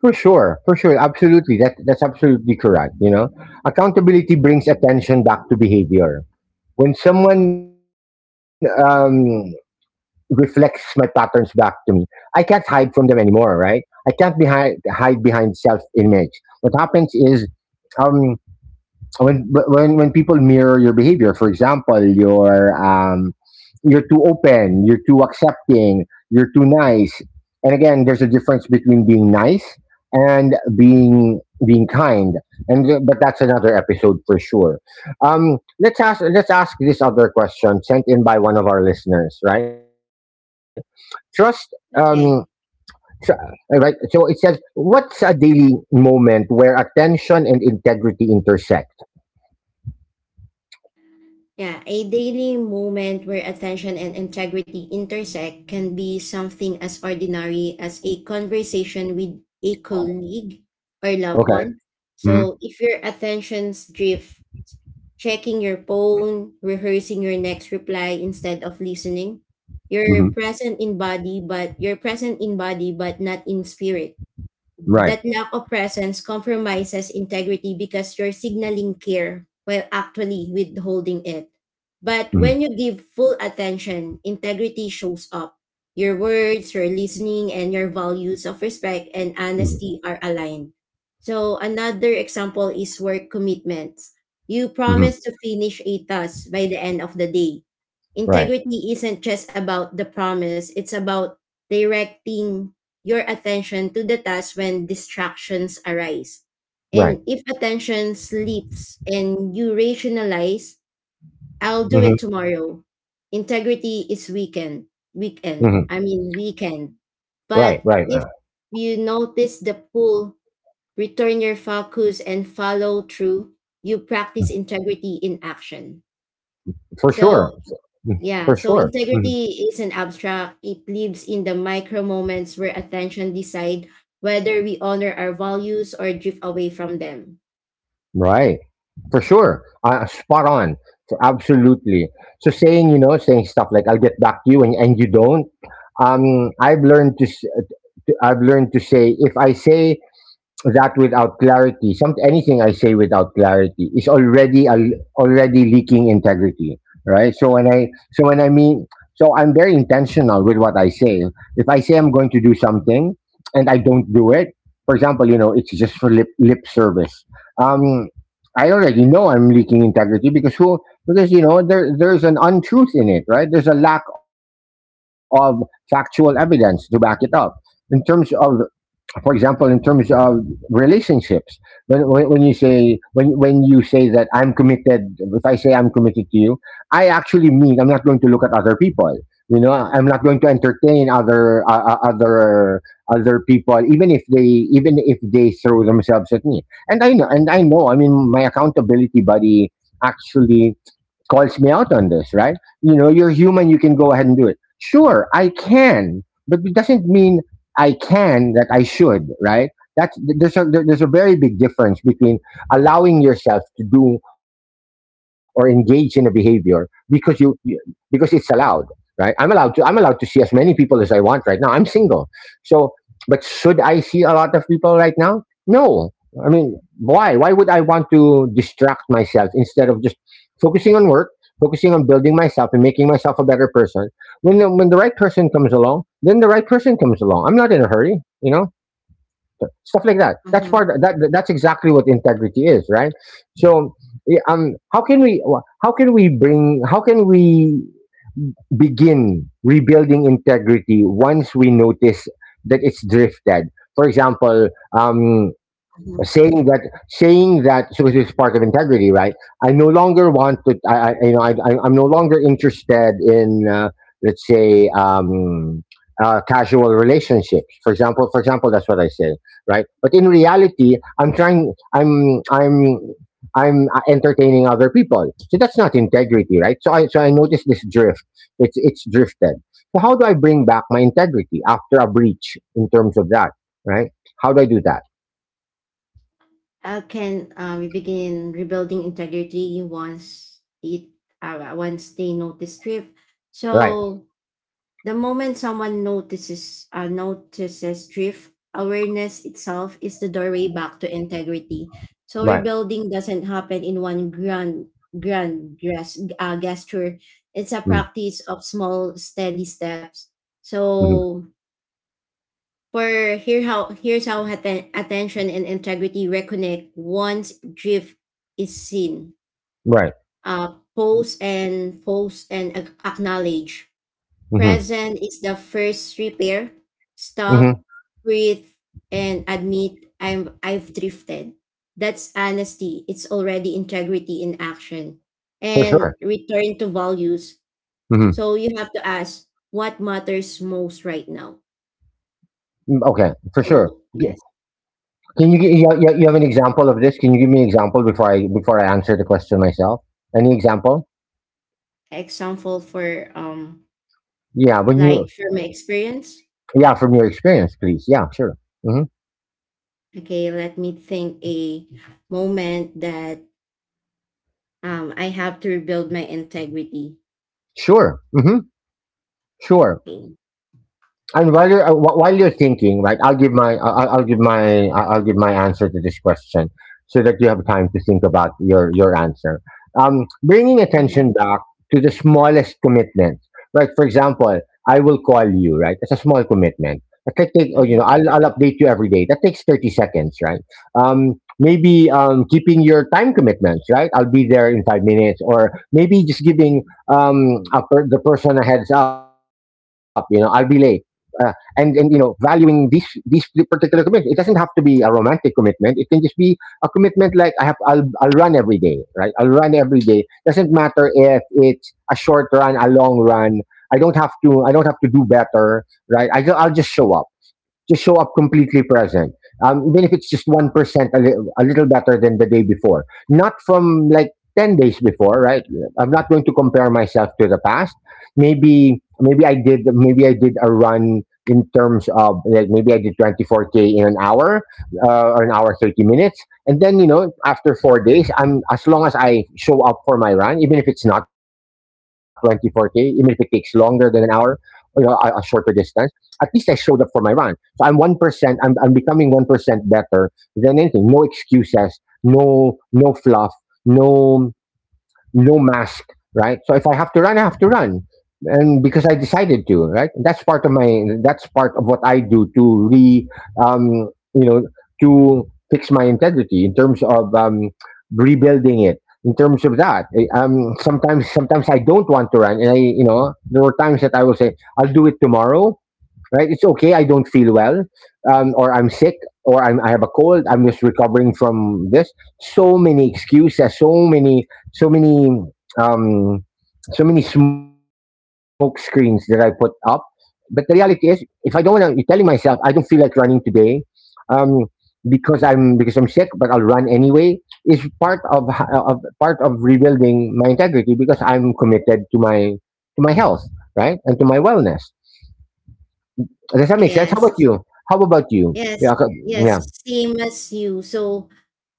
[SPEAKER 1] For sure, for sure, absolutely. That that's absolutely correct. You know, accountability brings attention back to behavior. When someone um, reflects my patterns back to me, I can't hide from them anymore, right? I can't be hide, hide behind self image. What happens is, um, when when when people mirror your behavior, for example, you're um you're too open, you're too accepting, you're too nice, and again, there's a difference between being nice and being, being kind, and th- but that's another episode for sure. um let's ask, let's ask this other question sent in by one of our listeners, right? Trust. um tr-
[SPEAKER 2] Okay.
[SPEAKER 1] uh, right, so it says, what's a daily moment where attention and integrity intersect?
[SPEAKER 2] Yeah, a daily moment where attention and integrity intersect can be something as ordinary as a conversation with a colleague or loved
[SPEAKER 1] Okay.
[SPEAKER 2] one.
[SPEAKER 1] Hmm.
[SPEAKER 2] So, if your attentions drift, checking your phone, rehearsing your next reply instead of listening, you're
[SPEAKER 1] Hmm.
[SPEAKER 2] present in body but you're present in body but not in spirit.
[SPEAKER 1] Right.
[SPEAKER 2] That lack of presence compromises integrity because you're signaling care while actually withholding it. But
[SPEAKER 1] Hmm.
[SPEAKER 2] when you give full attention, integrity shows up. Your words, your listening, and your values of respect and
[SPEAKER 1] Hmm.
[SPEAKER 2] honesty are aligned. So, another example is work commitments. You
[SPEAKER 1] Hmm.
[SPEAKER 2] promise to finish a task by the end of the day.
[SPEAKER 1] Right.
[SPEAKER 2] Integrity isn't just about the promise, it's about directing your attention to the task when distractions arise.
[SPEAKER 1] Right.
[SPEAKER 2] And if attention slips and you rationalize, I'll do it
[SPEAKER 1] Hmm.
[SPEAKER 2] tomorrow. Integrity is weakened. Weekend.
[SPEAKER 1] Hmm.
[SPEAKER 2] I mean weekend. But
[SPEAKER 1] Right. Right.
[SPEAKER 2] if
[SPEAKER 1] Uh,
[SPEAKER 2] you notice the pull, return your focus and follow through, you practice integrity in action.
[SPEAKER 1] for sure.
[SPEAKER 2] So
[SPEAKER 1] For,
[SPEAKER 2] yeah,
[SPEAKER 1] for
[SPEAKER 2] so
[SPEAKER 1] sure. Hmm.
[SPEAKER 2] integrity is an abstract. It lives in the micro moments where attention decide whether we honor our values or drift away from them.
[SPEAKER 1] Right. For sure. Uh, spot on. So absolutely. So saying, you know, saying stuff like "I'll get back to you" and, and you don't. Um, I've learned to, s- to, I've learned to say, if I say that without clarity, some, anything I say without clarity is already a, already leaking integrity, right? So when I, so when I mean, so I'm very intentional with what I say. If I say I'm going to do something and I don't do it, for example, you know, it's just for lip, lip service. Um, I already know I'm leaking integrity because who, because you know, there there's an untruth in it, right? There's a lack of factual evidence to back it up. In terms of, for example, in terms of relationships, when, when when you say, when when you say that I'm committed, if I say I'm committed to you, I actually mean I'm not going to look at other people. You know, I'm not going to entertain other uh, uh, other other people, even if they, even if they throw themselves at me. And I know, and I know. I mean, my accountability buddy actually calls me out on this, right? You know, you're human, you can go ahead and do it. Sure, I can, but it doesn't mean I can, that I should, right? That's, th- there's, a, there- there's a very big difference between allowing yourself to do or engage in a behavior because you, you because it's allowed, right? I'm allowed to, I'm allowed to see as many people as I want right now. I'm single, so, but should I see a lot of people right now? No, I mean, why? Why would I want to distract myself instead of just focusing on work, focusing on building myself and making myself a better person. When the, when the right person comes along, then the right person comes along. I'm not in a hurry, you know, stuff like that. That's
[SPEAKER 2] Mm-hmm,
[SPEAKER 1] part. That that's exactly what integrity is, right? So, yeah, um, how can we, how can we bring, how can we begin rebuilding integrity once we notice that it's drifted? For example, um,
[SPEAKER 2] mm-hmm.
[SPEAKER 1] saying that, saying that, so it is part of integrity, right? I no longer want to, i, I you know, I, I I'm no longer interested in uh, let's say um uh, casual relationships, for example, for example, that's what I say, right, but in reality I'm trying, i'm i'm i'm uh, entertaining other people, so that's not integrity, right? So I, so I noticed this drift, it's it's drifted, so how do I bring back my integrity after a breach in terms of that, right? How do I do that?
[SPEAKER 2] How can uh, we begin rebuilding integrity once it uh, once they notice drift?
[SPEAKER 1] Right?
[SPEAKER 2] So the moment someone notices uh, notices drift, awareness itself is the doorway back to integrity. So
[SPEAKER 1] Right.
[SPEAKER 2] rebuilding doesn't happen in one grand grand gras- uh, gesture. It's a
[SPEAKER 1] Mm,
[SPEAKER 2] practice of small, steady steps. So
[SPEAKER 1] mhm.
[SPEAKER 2] for here how here's how atten- attention and integrity reconnect once drift is seen,
[SPEAKER 1] Right.
[SPEAKER 2] uh, pose and pose and ac- acknowledge.
[SPEAKER 1] Mhm,
[SPEAKER 2] Present is the first repair.
[SPEAKER 1] mhm,
[SPEAKER 2] Stop, breathe, and admit I'm I've drifted. That's honesty. It's already integrity in action.
[SPEAKER 1] for
[SPEAKER 2] And
[SPEAKER 1] sure.
[SPEAKER 2] return to values.
[SPEAKER 1] Mhm,
[SPEAKER 2] So you have to ask what matters most right now.
[SPEAKER 1] mm, okay, for sure.
[SPEAKER 2] So
[SPEAKER 1] G-,
[SPEAKER 2] yes.
[SPEAKER 1] can you gi, you you you have an example of this? Can you give me an example before I, before I answer the question myself? Any example?
[SPEAKER 2] Example for um
[SPEAKER 1] Yeah, when you,
[SPEAKER 2] like from my experience.
[SPEAKER 1] yeah, from your experience, please. Yeah, sure. Mhm.
[SPEAKER 2] Okay, let me think a moment that um I have to rebuild my integrity.
[SPEAKER 1] Sure. Mhm. Sure.
[SPEAKER 2] Okay.
[SPEAKER 1] And while you're uh, wh- while you're thinking, right, I'll give my, I'll, I'll give my, I'll I'll give my answer to this question so that you have time to think about your your answer. Um, bringing
[SPEAKER 2] Mhm.
[SPEAKER 1] attention back to the smallest commitment, right? For example, I will call you, right? It's a small commitment. That could take, oh, you know,
[SPEAKER 2] Mhm.
[SPEAKER 1] I'll I'll update you every day. That takes thirty seconds, right? Um, maybe um, keeping your time commitments, right? I'll be there in five minutes, or maybe just giving um a per-, the person a heads up. You know, I'll be late. Uh, and and you know, valuing these these particular commitments. It doesn't have to be a romantic commitment. It can just be a commitment, like I have, I'll I'll run every day, right? I'll run every day. Doesn't matter if it's a short run, a long run. I don't have to, I don't have to do better, right? I, ju-, I'll just show up, just show up completely present. Um, even if it's just one percent, a, li- a little better than the day before. Not from like ten days before, right? I'm not going to compare myself to the past. Maybe maybe I did, maybe I did a run in terms of like maybe I did twenty-four k in an hour uh, or an hour thirty minutes, and then you know, after four days, I'm, as long as I show up for my run, even if it's not twenty-four k, even if it takes longer than an hour, or you know, a, a shorter distance. At least I showed up for my run, so I'm one percent. I'm I'm becoming one percent better than anything. No excuses. No, no fluff. No, no mask. Right. So if I have to run, I have to run, and because I decided to. Right. That's part of my. That's part of what I do to re. Um. You know, to fix my integrity in terms of um rebuilding it. In terms of that, eh, um, sometimes, sometimes I don't want to run, and I, you know, there were times that I will say, I'll do it tomorrow, right? It's okay. I don't feel well, um, or I'm sick, or I'm, I have a cold. I'm just recovering from this. So many excuses, so many, so many, um, so many smoke screens that I put up. But the reality is, if I don't want to, telling myself I don't feel like running today, um, because I'm because I'm sick, but I'll run anyway, is part of, h- of part of rebuilding my integrity because I'm committed to my to my health, right, and to my wellness. Does that make sense? How about
[SPEAKER 2] Yes,
[SPEAKER 1] you? How about you?
[SPEAKER 2] yes,
[SPEAKER 1] Yeah, co- yeah.
[SPEAKER 2] yes, same as you. So,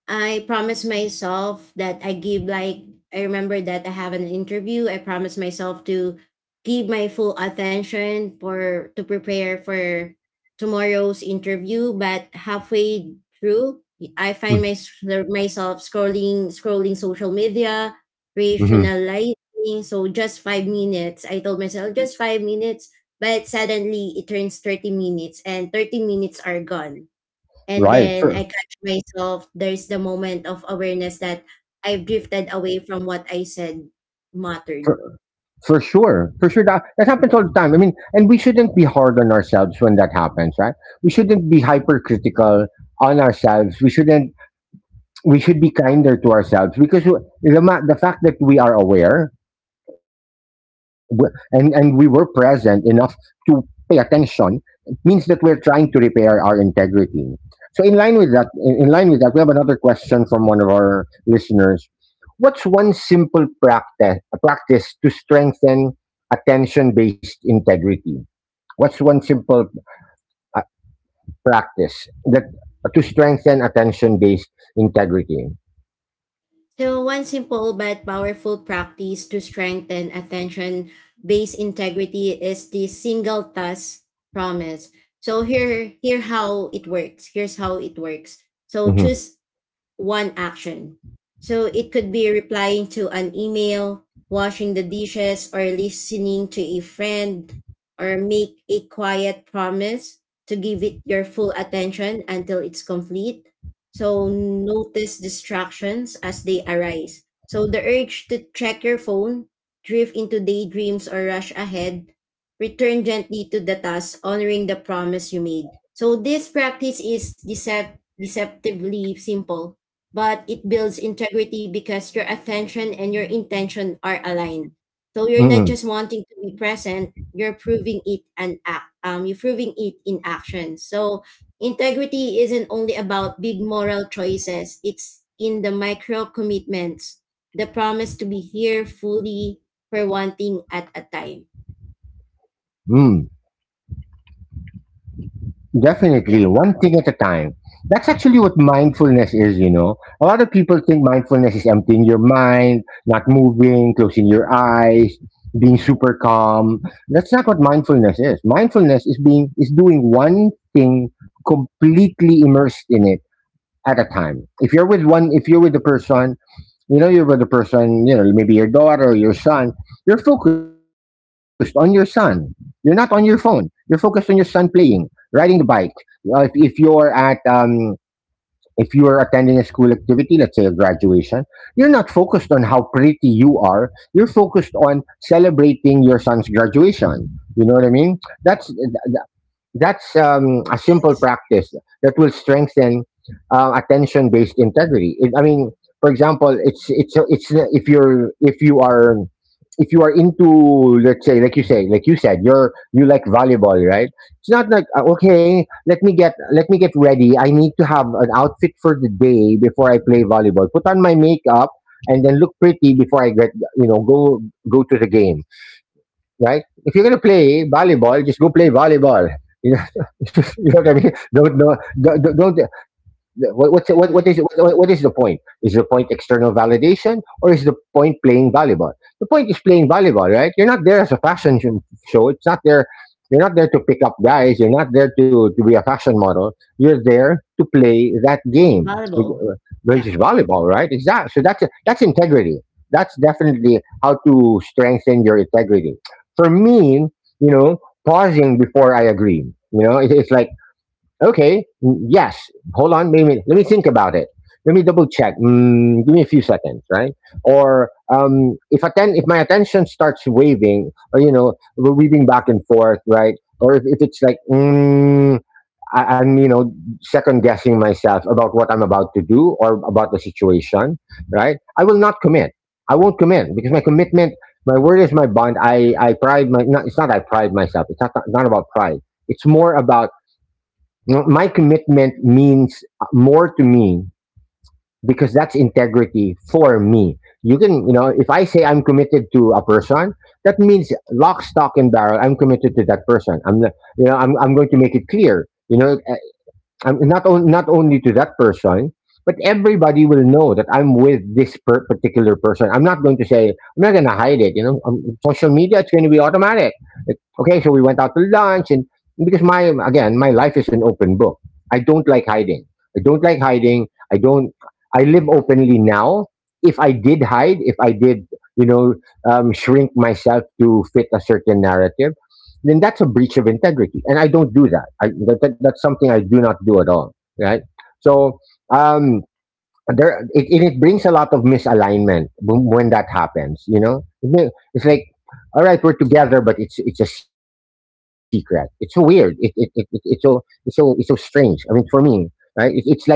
[SPEAKER 2] I promise myself that I give like I remember that I have an interview. I promise myself to give my full attention for to prepare for tomorrow's interview. But halfway through, I find my, myself scrolling scrolling social media,
[SPEAKER 1] Mm-hmm.
[SPEAKER 2] rationalizing. So just five minutes. I told myself just five minutes, but suddenly it turns thirty minutes, and thirty minutes are gone and
[SPEAKER 1] Right.
[SPEAKER 2] then
[SPEAKER 1] For,
[SPEAKER 2] I catch myself. There's the moment of awareness that I've drifted away from what I said mattered.
[SPEAKER 1] for for sure. For sure that that happens all the time. I mean, and we shouldn't be hard on ourselves when that happens, right? We shouldn't be hypercritical on ourselves. We shouldn't We should be kinder to ourselves because we- the ma- the fact that we are aware w- and and we were present enough to pay attention. It means that we're trying to repair our integrity, so in line with that, in, in line with that, we have another question from one of our listeners. What's one simple practice practice to strengthen attention based integrity? What's one simple uh, practice that to strengthen attention based integrity.
[SPEAKER 2] So, one simple but powerful practice to strengthen attention based integrity is the single task promise. So, here, here how it works. Here's how it works. So, choose one action. So it could be replying to an email, washing the dishes, or listening to a friend, or make a quiet promise to give it your full attention until it's complete. So notice distractions as they arise. So the urge to check your phone, drift into daydreams, or rush ahead, return gently to the task, honoring the promise you made. So this practice is decept- deceptively simple but it builds integrity because your attention and your intention are aligned. So you're not
[SPEAKER 1] Hmm.
[SPEAKER 2] just wanting to be present, you're proving it and act. Um, you're proving it in action. So integrity isn't only about big moral choices. It's in the micro commitments, the promise to be here fully for one thing at a time.
[SPEAKER 1] Definitely,
[SPEAKER 2] Yeah.
[SPEAKER 1] one thing at a time. That's actually what mindfulness is, you know. A lot of people think mindfulness is emptying your mind, not moving, closing your eyes, being super calm. That's not what mindfulness is. Mindfulness is being is doing one thing completely immersed in it at a time. If you're with one if you're with a person, you know, you're with the person, you know, maybe your daughter or your son. You're focused on your son. You're not on your phone. You're focused on your son playing, riding the bike. Uh, if, if you're at, um, if you are attending a school activity, let's say a graduation, you're not focused on how pretty you are. You're focused on celebrating your son's graduation. You know what I mean? That's that's um, a simple practice that will strengthen uh, attention-based integrity. It, I mean, for example, it's it's it's if you're if you are if you are into, let's say, like you say like you said, you're you like volleyball, right? It's not like, uh, okay, let me get let me get ready, I need to have an outfit for the day before I play volleyball, put on my makeup and then look pretty before I get, you know, go go to the game, right? If you're going to play volleyball, just go play volleyball. You know, you know what I mean? Don't, don't, don't, don't the- what what's, what what
[SPEAKER 2] Mm-hmm.
[SPEAKER 1] is what, what is the point? Is the point external validation or is the point playing volleyball? The point is playing volleyball, right? You're not there as a fashion sh- show. It's not there. You're not there to pick up guys. You're not there to, to be a fashion model. You're there to play that game, which,
[SPEAKER 2] Valuable.
[SPEAKER 1] uh, which is
[SPEAKER 2] Yeah.
[SPEAKER 1] volleyball, right? Exactly. So that's that's integrity. That's definitely how to strengthen your integrity. For me, you know, pausing before I agree. You know, it, it's like okay. mm, yes. Hold on. Maybe let me think about it. Let me double check. Mm, give me a few seconds, right? Or um, if atten- if my attention starts waving, or you know, weaving back and forth, right? Or if, if it's like mm, I, I'm, you know, second guessing myself about what I'm about to do or about the situation, right? I will not commit. I won't commit because my commitment, my word is my bond. I I pride my. Not, it's not I pride myself. It's not not about pride. It's more about you my commitment means more to me because that's integrity for me. You can, you know, if I say I'm committed to a person, that means lock, stock, and barrel. I'm committed to that person. I'm, not, you know, I'm, I'm going to make it clear. You know, um, not on, not only to that person, but everybody will know that I'm with this per- particular person. I'm not going to say I'm not going to hide it. You know, um, social media, it's going to be automatic. Like, okay, so we went out to lunch, and because my again my life is an open book. I don't like hiding. I don't like hiding. I don't. I live openly now. If I did hide, if I did, you know, um, shrink myself to fit a certain narrative, then that's a breach of integrity. And I don't do that. I, that that's something I do not do at all. Right. So, um, there, it, and it brings a lot of misalignment when when that happens, you know. It- it's like, all right, we're together, but it's, it's a secret. It's so weird. It, it, it, it, it's so, it's so, it's so strange. I mean, for me, right. It, it's like, um,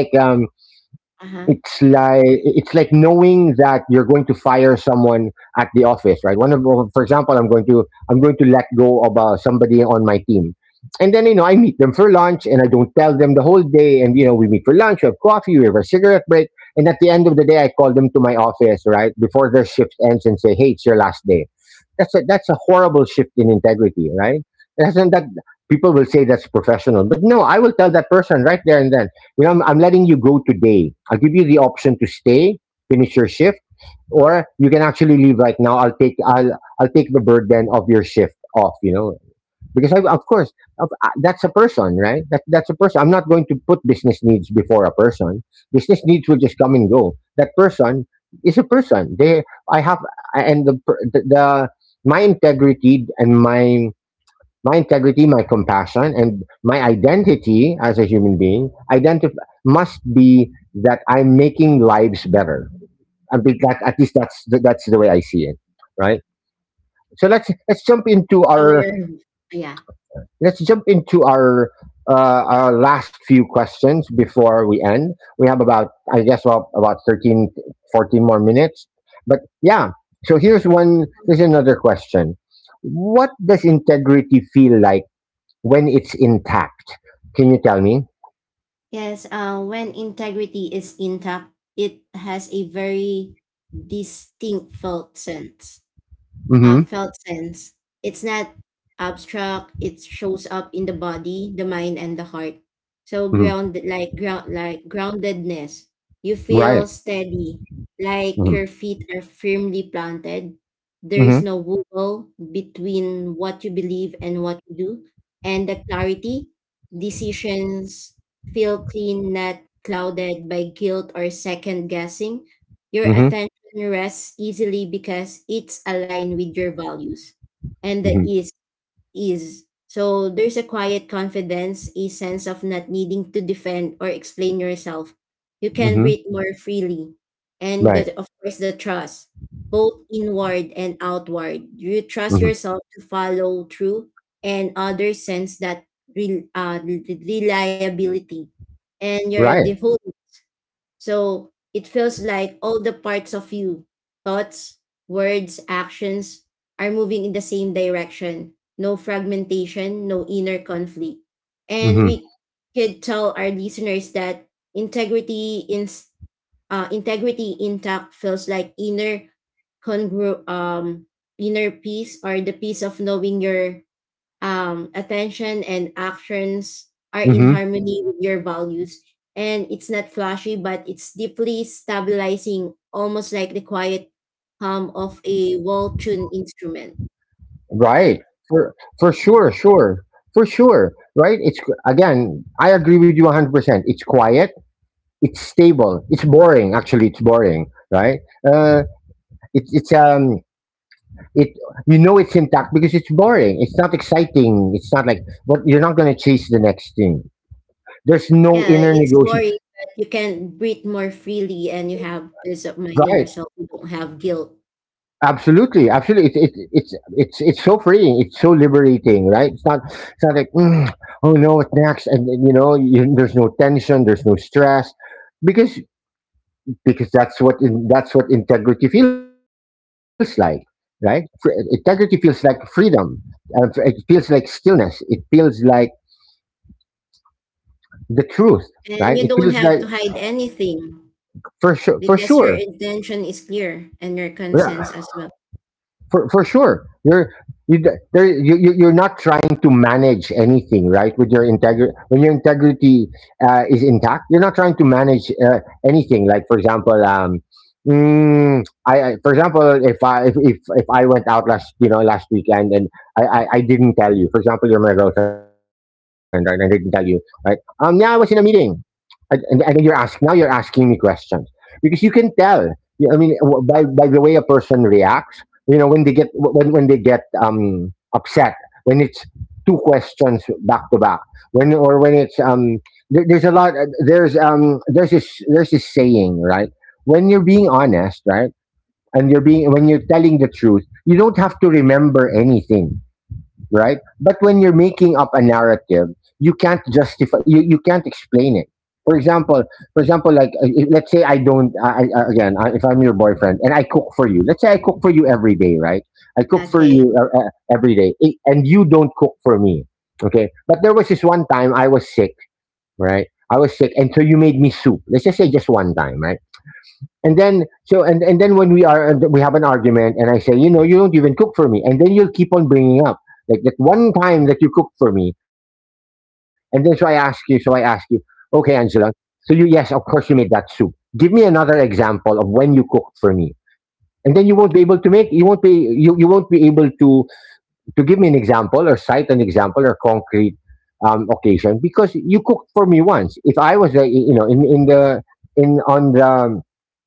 [SPEAKER 2] Uh
[SPEAKER 1] it's
[SPEAKER 2] huh.
[SPEAKER 1] like it's like knowing that you're going to fire someone at the office, right? one of For example, i'm going to I'm going to let go of uh, somebody on my team, and then, you know, I meet them for lunch and I don't tell them the whole day, and you know, we meet for lunch, we have coffee, we have a cigarette break, and at the end of the day I call them to my office right before their shift ends and say, "Hey, it's your last day." That's a that's a horrible shift in integrity, right? Doesn't that? People will say that's professional, but no, I will tell that person right there and then. You know, I'm, I'm letting you go today. I'll give you the option to stay, finish your shift, or you can actually leave right now. I'll take I'll I'll take the burden of your shift off. You know, because I, of course, of- uh, that's a person, right? That that's a person. I'm not going to put business needs before a person. Business needs will just come and go. That person is a person. They I have and the per- the, the my integrity and my my integrity, my compassion, and my identity as a human being identif- must be that I'm making lives better. I mean, that, at least that's the, that's the way I see it, right? So let's let's jump into
[SPEAKER 2] So
[SPEAKER 1] our
[SPEAKER 2] you're, yeah.
[SPEAKER 1] let's jump into our uh, our last few questions before we end. We have about, I guess, about about thirteen, fourteen more minutes, but yeah. So here's one. Here's another question. What does integrity feel like when it's intact? Can you tell me?
[SPEAKER 2] Yes, uh, when integrity is intact, it has a very distinct felt sense uh,
[SPEAKER 1] Mm-hmm.
[SPEAKER 2] felt sense. It's not abstract. It shows up in the body, the mind, and the heart. So
[SPEAKER 1] Hmm.
[SPEAKER 2] ground like ground like groundedness. You
[SPEAKER 1] Right.
[SPEAKER 2] feel steady, like
[SPEAKER 1] Mm-hmm.
[SPEAKER 2] your feet are firmly planted. There
[SPEAKER 1] Mm-hmm.
[SPEAKER 2] is no wobble between what you believe and what you do, and the clarity. Decisions feel clean, not clouded by guilt or second guessing. Your
[SPEAKER 1] Mm-hmm.
[SPEAKER 2] attention can rest easily because it's aligned with your values, and the
[SPEAKER 1] Mm-hmm.
[SPEAKER 2] ease is, so there's a quiet confidence, a sense of not needing to defend or explain yourself. You can
[SPEAKER 1] Hmm.
[SPEAKER 2] breathe more freely. And
[SPEAKER 1] Right.
[SPEAKER 2] the, of course, the trust, both inward and outward, you trust
[SPEAKER 1] Mm-hmm.
[SPEAKER 2] yourself to follow through, and others sense that re- uh, reliability. And your the
[SPEAKER 1] Right.
[SPEAKER 2] whole So it feels like all the parts of you, thoughts, words, actions, are moving in the same direction. No fragmentation, no inner conflict. And
[SPEAKER 1] Mm-hmm.
[SPEAKER 2] we could tell our listeners that integrity in uh, integrity intact feels like inner congru um inner peace, or the peace of knowing your um, attention and actions are in
[SPEAKER 1] Mm-hmm.
[SPEAKER 2] harmony with your values. And it's not flashy, but it's deeply stabilizing, almost like the quiet hum of a well tuned instrument.
[SPEAKER 1] Right.
[SPEAKER 2] That
[SPEAKER 1] For for
[SPEAKER 2] yeah.
[SPEAKER 1] sure, sure, for sure. Right. It's again. I agree with you one hundred percent. It's quiet. It's stable. It's boring. Actually, it's boring. Right. Uh. It's it's um. It, you know, it's intact because it's boring. It's not exciting. It's not like what you're not going to chase the next thing. There's no
[SPEAKER 2] Yeah,
[SPEAKER 1] inner
[SPEAKER 2] it's
[SPEAKER 1] negotiation.
[SPEAKER 2] boring, but you can breathe more freely and you have peace of mind in
[SPEAKER 1] Right.
[SPEAKER 2] yourself. You don't have guilt
[SPEAKER 1] Absolutely. Absolutely. It's it, it's it's it's so freeing. It's so liberating, right? It's not it's not like, "Mm, oh no, what next?" And, and, you know, you, there's no tension, there's no stress, because because that's what in, that's what integrity feels like, right? Fr- integrity feels like freedom. Uh, it feels like stillness. It feels like the truth, right?
[SPEAKER 2] and
[SPEAKER 1] It
[SPEAKER 2] you don't
[SPEAKER 1] feels like
[SPEAKER 2] have to hide anything.
[SPEAKER 1] for sure, for
[SPEAKER 2] Because your
[SPEAKER 1] sure.
[SPEAKER 2] intention is clear and your
[SPEAKER 1] Yeah,
[SPEAKER 2] consents as well.
[SPEAKER 1] for for sure you're you d- there you, you you're not trying to manage anything, right? With your integrity, when your integrity uh, is intact, you're not trying to manage uh, anything. Like, for example, um mm, I, I, for example, if i if, if if I went out last, you know, last weekend, and I, I I didn't tell you, for example, you're my girlfriend, right? I didn't tell you, right? um yeah, I was in a meeting, and, and, and then you're asking, now you're asking me questions because you can tell. You- I mean, w- by by the way a person reacts, you know, when they get when when they get um upset, when it's two questions back to back, when, or when it's um there, there's a lot, uh, there's um there's this there's this saying, right? When you're being honest, right, and you're being when you're telling the truth, you don't have to remember anything, right? But when you're making up a narrative, you can't justify. You, you can't explain it. For example, for example, like, uh, if, let's say I don't. I, I, again, I, if I'm your boyfriend and I cook for you, let's say I cook for you every day, right? I cook for
[SPEAKER 2] Okay.
[SPEAKER 1] you, uh, uh, every day, i- and you don't cook for me, okay? But there was this one time I was sick, right? I was sick, and so you made me soup. Let's just say just one time, right? And then so and, and then when we are we have an argument, and I say, you know you don't even cook for me and then you'll keep on bringing up like that one time that you cooked for me. And then so i ask you so I ask you, okay, Angela, so you— yes, of course, you made that soup. Give me another example of when you cooked for me. And then you won't be able to— make you won't be you, you won't be able to to give me an example, or cite an example, or concrete um, occasion, because you cooked for me once. If I was— uh, you know, in in the in on the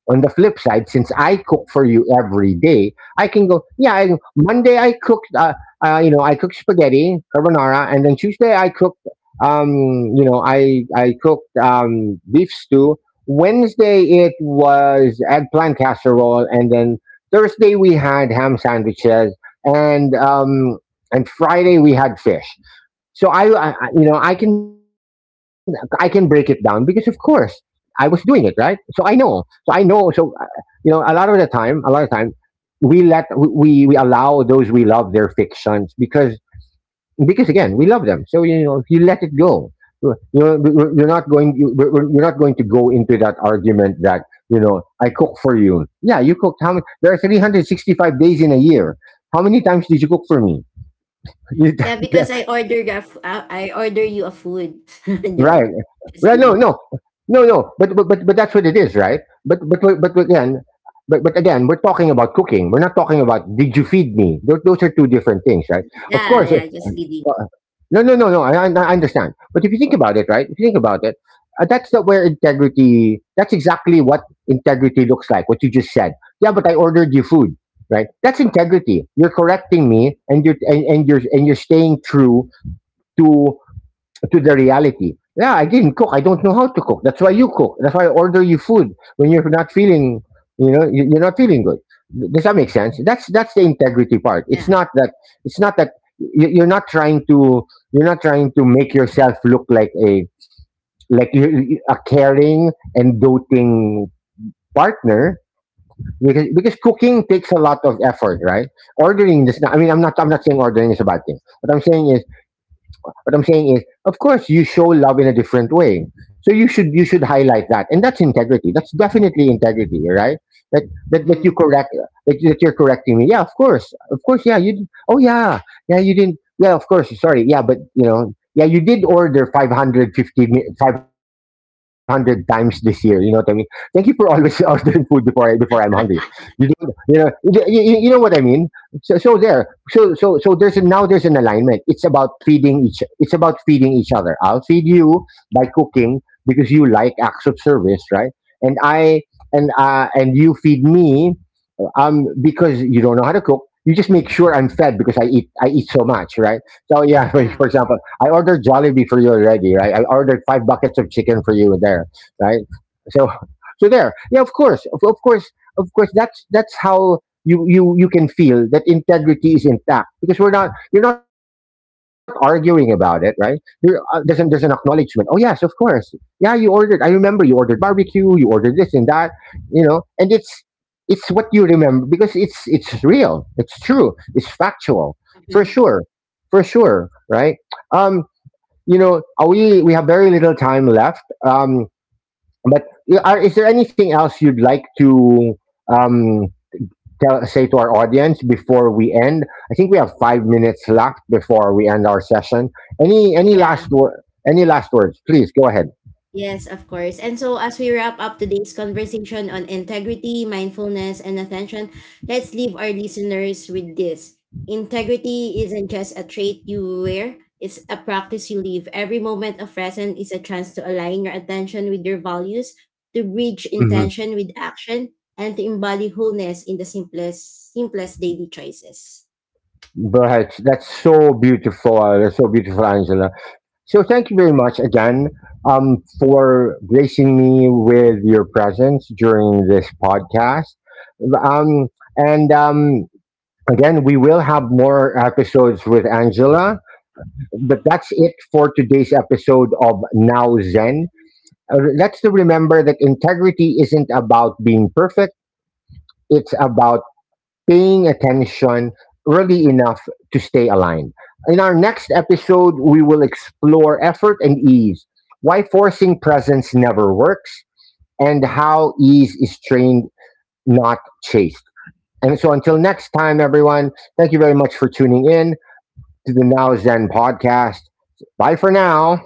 [SPEAKER 1] on the flip side, since I cook for you every day, I can go. Yeah, I, Monday I cooked. Uh, uh, you know, I cooked spaghetti carbonara, and then Tuesday I cooked. Um, you know, I I cooked um, beef stew. Wednesday it was eggplant casserole, and then Thursday we had ham sandwiches, and um, and Friday we had fish. So I, I you know, I can I can break it down, because of course I was doing it right. So I know. So I know. So uh, you know, a lot of the time, a lot of time we let we we allow those we love their fictions, because because again we love them. So you know, if you let it go. You know, you're not going. you- you're not going to go into that argument that you know I cook for you. Yeah, you cooked how many? There are three hundred sixty-five days in a year. How many times did you cook for me?
[SPEAKER 2] Yeah, because I order a f- I I order you a food. No,
[SPEAKER 1] Right.
[SPEAKER 2] just
[SPEAKER 1] Right. No.
[SPEAKER 2] kidding.
[SPEAKER 1] No. No. No. But but but, but that's what it is, right? But but but but again, but but again, we're talking about cooking. We're not talking about did you feed me. Those, those are two different things, right? Of
[SPEAKER 2] Yeah,
[SPEAKER 1] course.
[SPEAKER 2] yeah,
[SPEAKER 1] uh,
[SPEAKER 2] just kidding.
[SPEAKER 1] uh, No. No. No. No. I, I I understand. But if you think about it, right? If you think about it, uh, that's the, where integrity. That's exactly what integrity looks like. What you just said. Yeah, but I ordered you food. Right, that's integrity. You're correcting me, and you're and, and you're and you're staying true to to the reality. Yeah, I didn't cook. I don't know how to cook. That's why you cook. That's why I order you food when you're not feeling, you know, you- you're not feeling good. Does that make sense? That's that's the integrity part. It's
[SPEAKER 2] Yeah.
[SPEAKER 1] not that it's not that you- you're not trying to you're not trying to make yourself look like a like you- you- a caring and doting partner, because because cooking takes a lot of effort, right? Ordering is not. I mean, I'm not I'm not saying ordering is a bad thing. What I'm saying is what I'm saying is, of course, you show love in a different way. So you should you should highlight that, and that's integrity. That's definitely integrity, right? That that, that you
[SPEAKER 2] Mhm.
[SPEAKER 1] correct that, you- that you're correcting me. Yeah, of course, of course. Yeah, you. d- Oh yeah, yeah. You didn't. Yeah, of course. Sorry. Yeah, but you know. Yeah, you did order five hundred fifty five hundred times this year. You know what I mean? Thank you for always ordering food before I, before I'm hungry. You, don't, you know you, you you know what I mean. So so there so so so there's a, now there's an alignment. It's about feeding each it's about feeding each other. I'll feed you by cooking, because you like acts of service, right? And i and uh and you feed me, um, because you don't know how to cook. You just make sure I'm fed, because I eat I eat so much, right? So yeah, for,
[SPEAKER 2] Yeah.
[SPEAKER 1] for example, I ordered Jollibee for you already, right? I ordered five buckets of chicken for you there, right? So so there, yeah, of course, of, of course, of course. That's that's how you you you can feel that integrity is intact, because we're not you're not arguing about it, right? You're, uh, there's an there's an acknowledgement. Oh yes, of course. Yeah, you ordered. I remember you ordered barbecue. You ordered this and that, you know and it's it's what you remember, because it's it's real, it's true, it's factual. For
[SPEAKER 2] Hmm.
[SPEAKER 1] sure. For sure, right? Um you know uh, we we have very little time left. Um but y- are, is there anything else you'd like to um tell, say to our audience before we end? I think we have five minutes left before we end our session. Any any
[SPEAKER 2] Yeah.
[SPEAKER 1] last word? Any last words, please go ahead.
[SPEAKER 2] Yes, of course. And so, as we wrap up today's conversation on integrity, mindfulness, and attention, let's leave our listeners with this. Integrity isn't just a trait you wear, it's a practice you live. Every moment of present is a chance to align your attention with your values, to bridge
[SPEAKER 1] hmm
[SPEAKER 2] intention with action, and to embody wholeness in the simplest, simplest daily choices.
[SPEAKER 1] Go. That's so beautiful, uh, that's so beautiful, Angela. So thank you very much again um, for gracing me with your presence during this podcast. Um, and um, again, we will have more episodes with Angela, but that's it for today's episode of Now Zen. Uh, let's to remember that integrity isn't about being perfect; it's about paying attention really enough to stay aligned. In our next episode, we will explore effort and ease, why forcing presence never works, and how ease is trained, not chased. And so until next time, everyone, thank you very much for tuning in to the Now Zen podcast. Bye for now.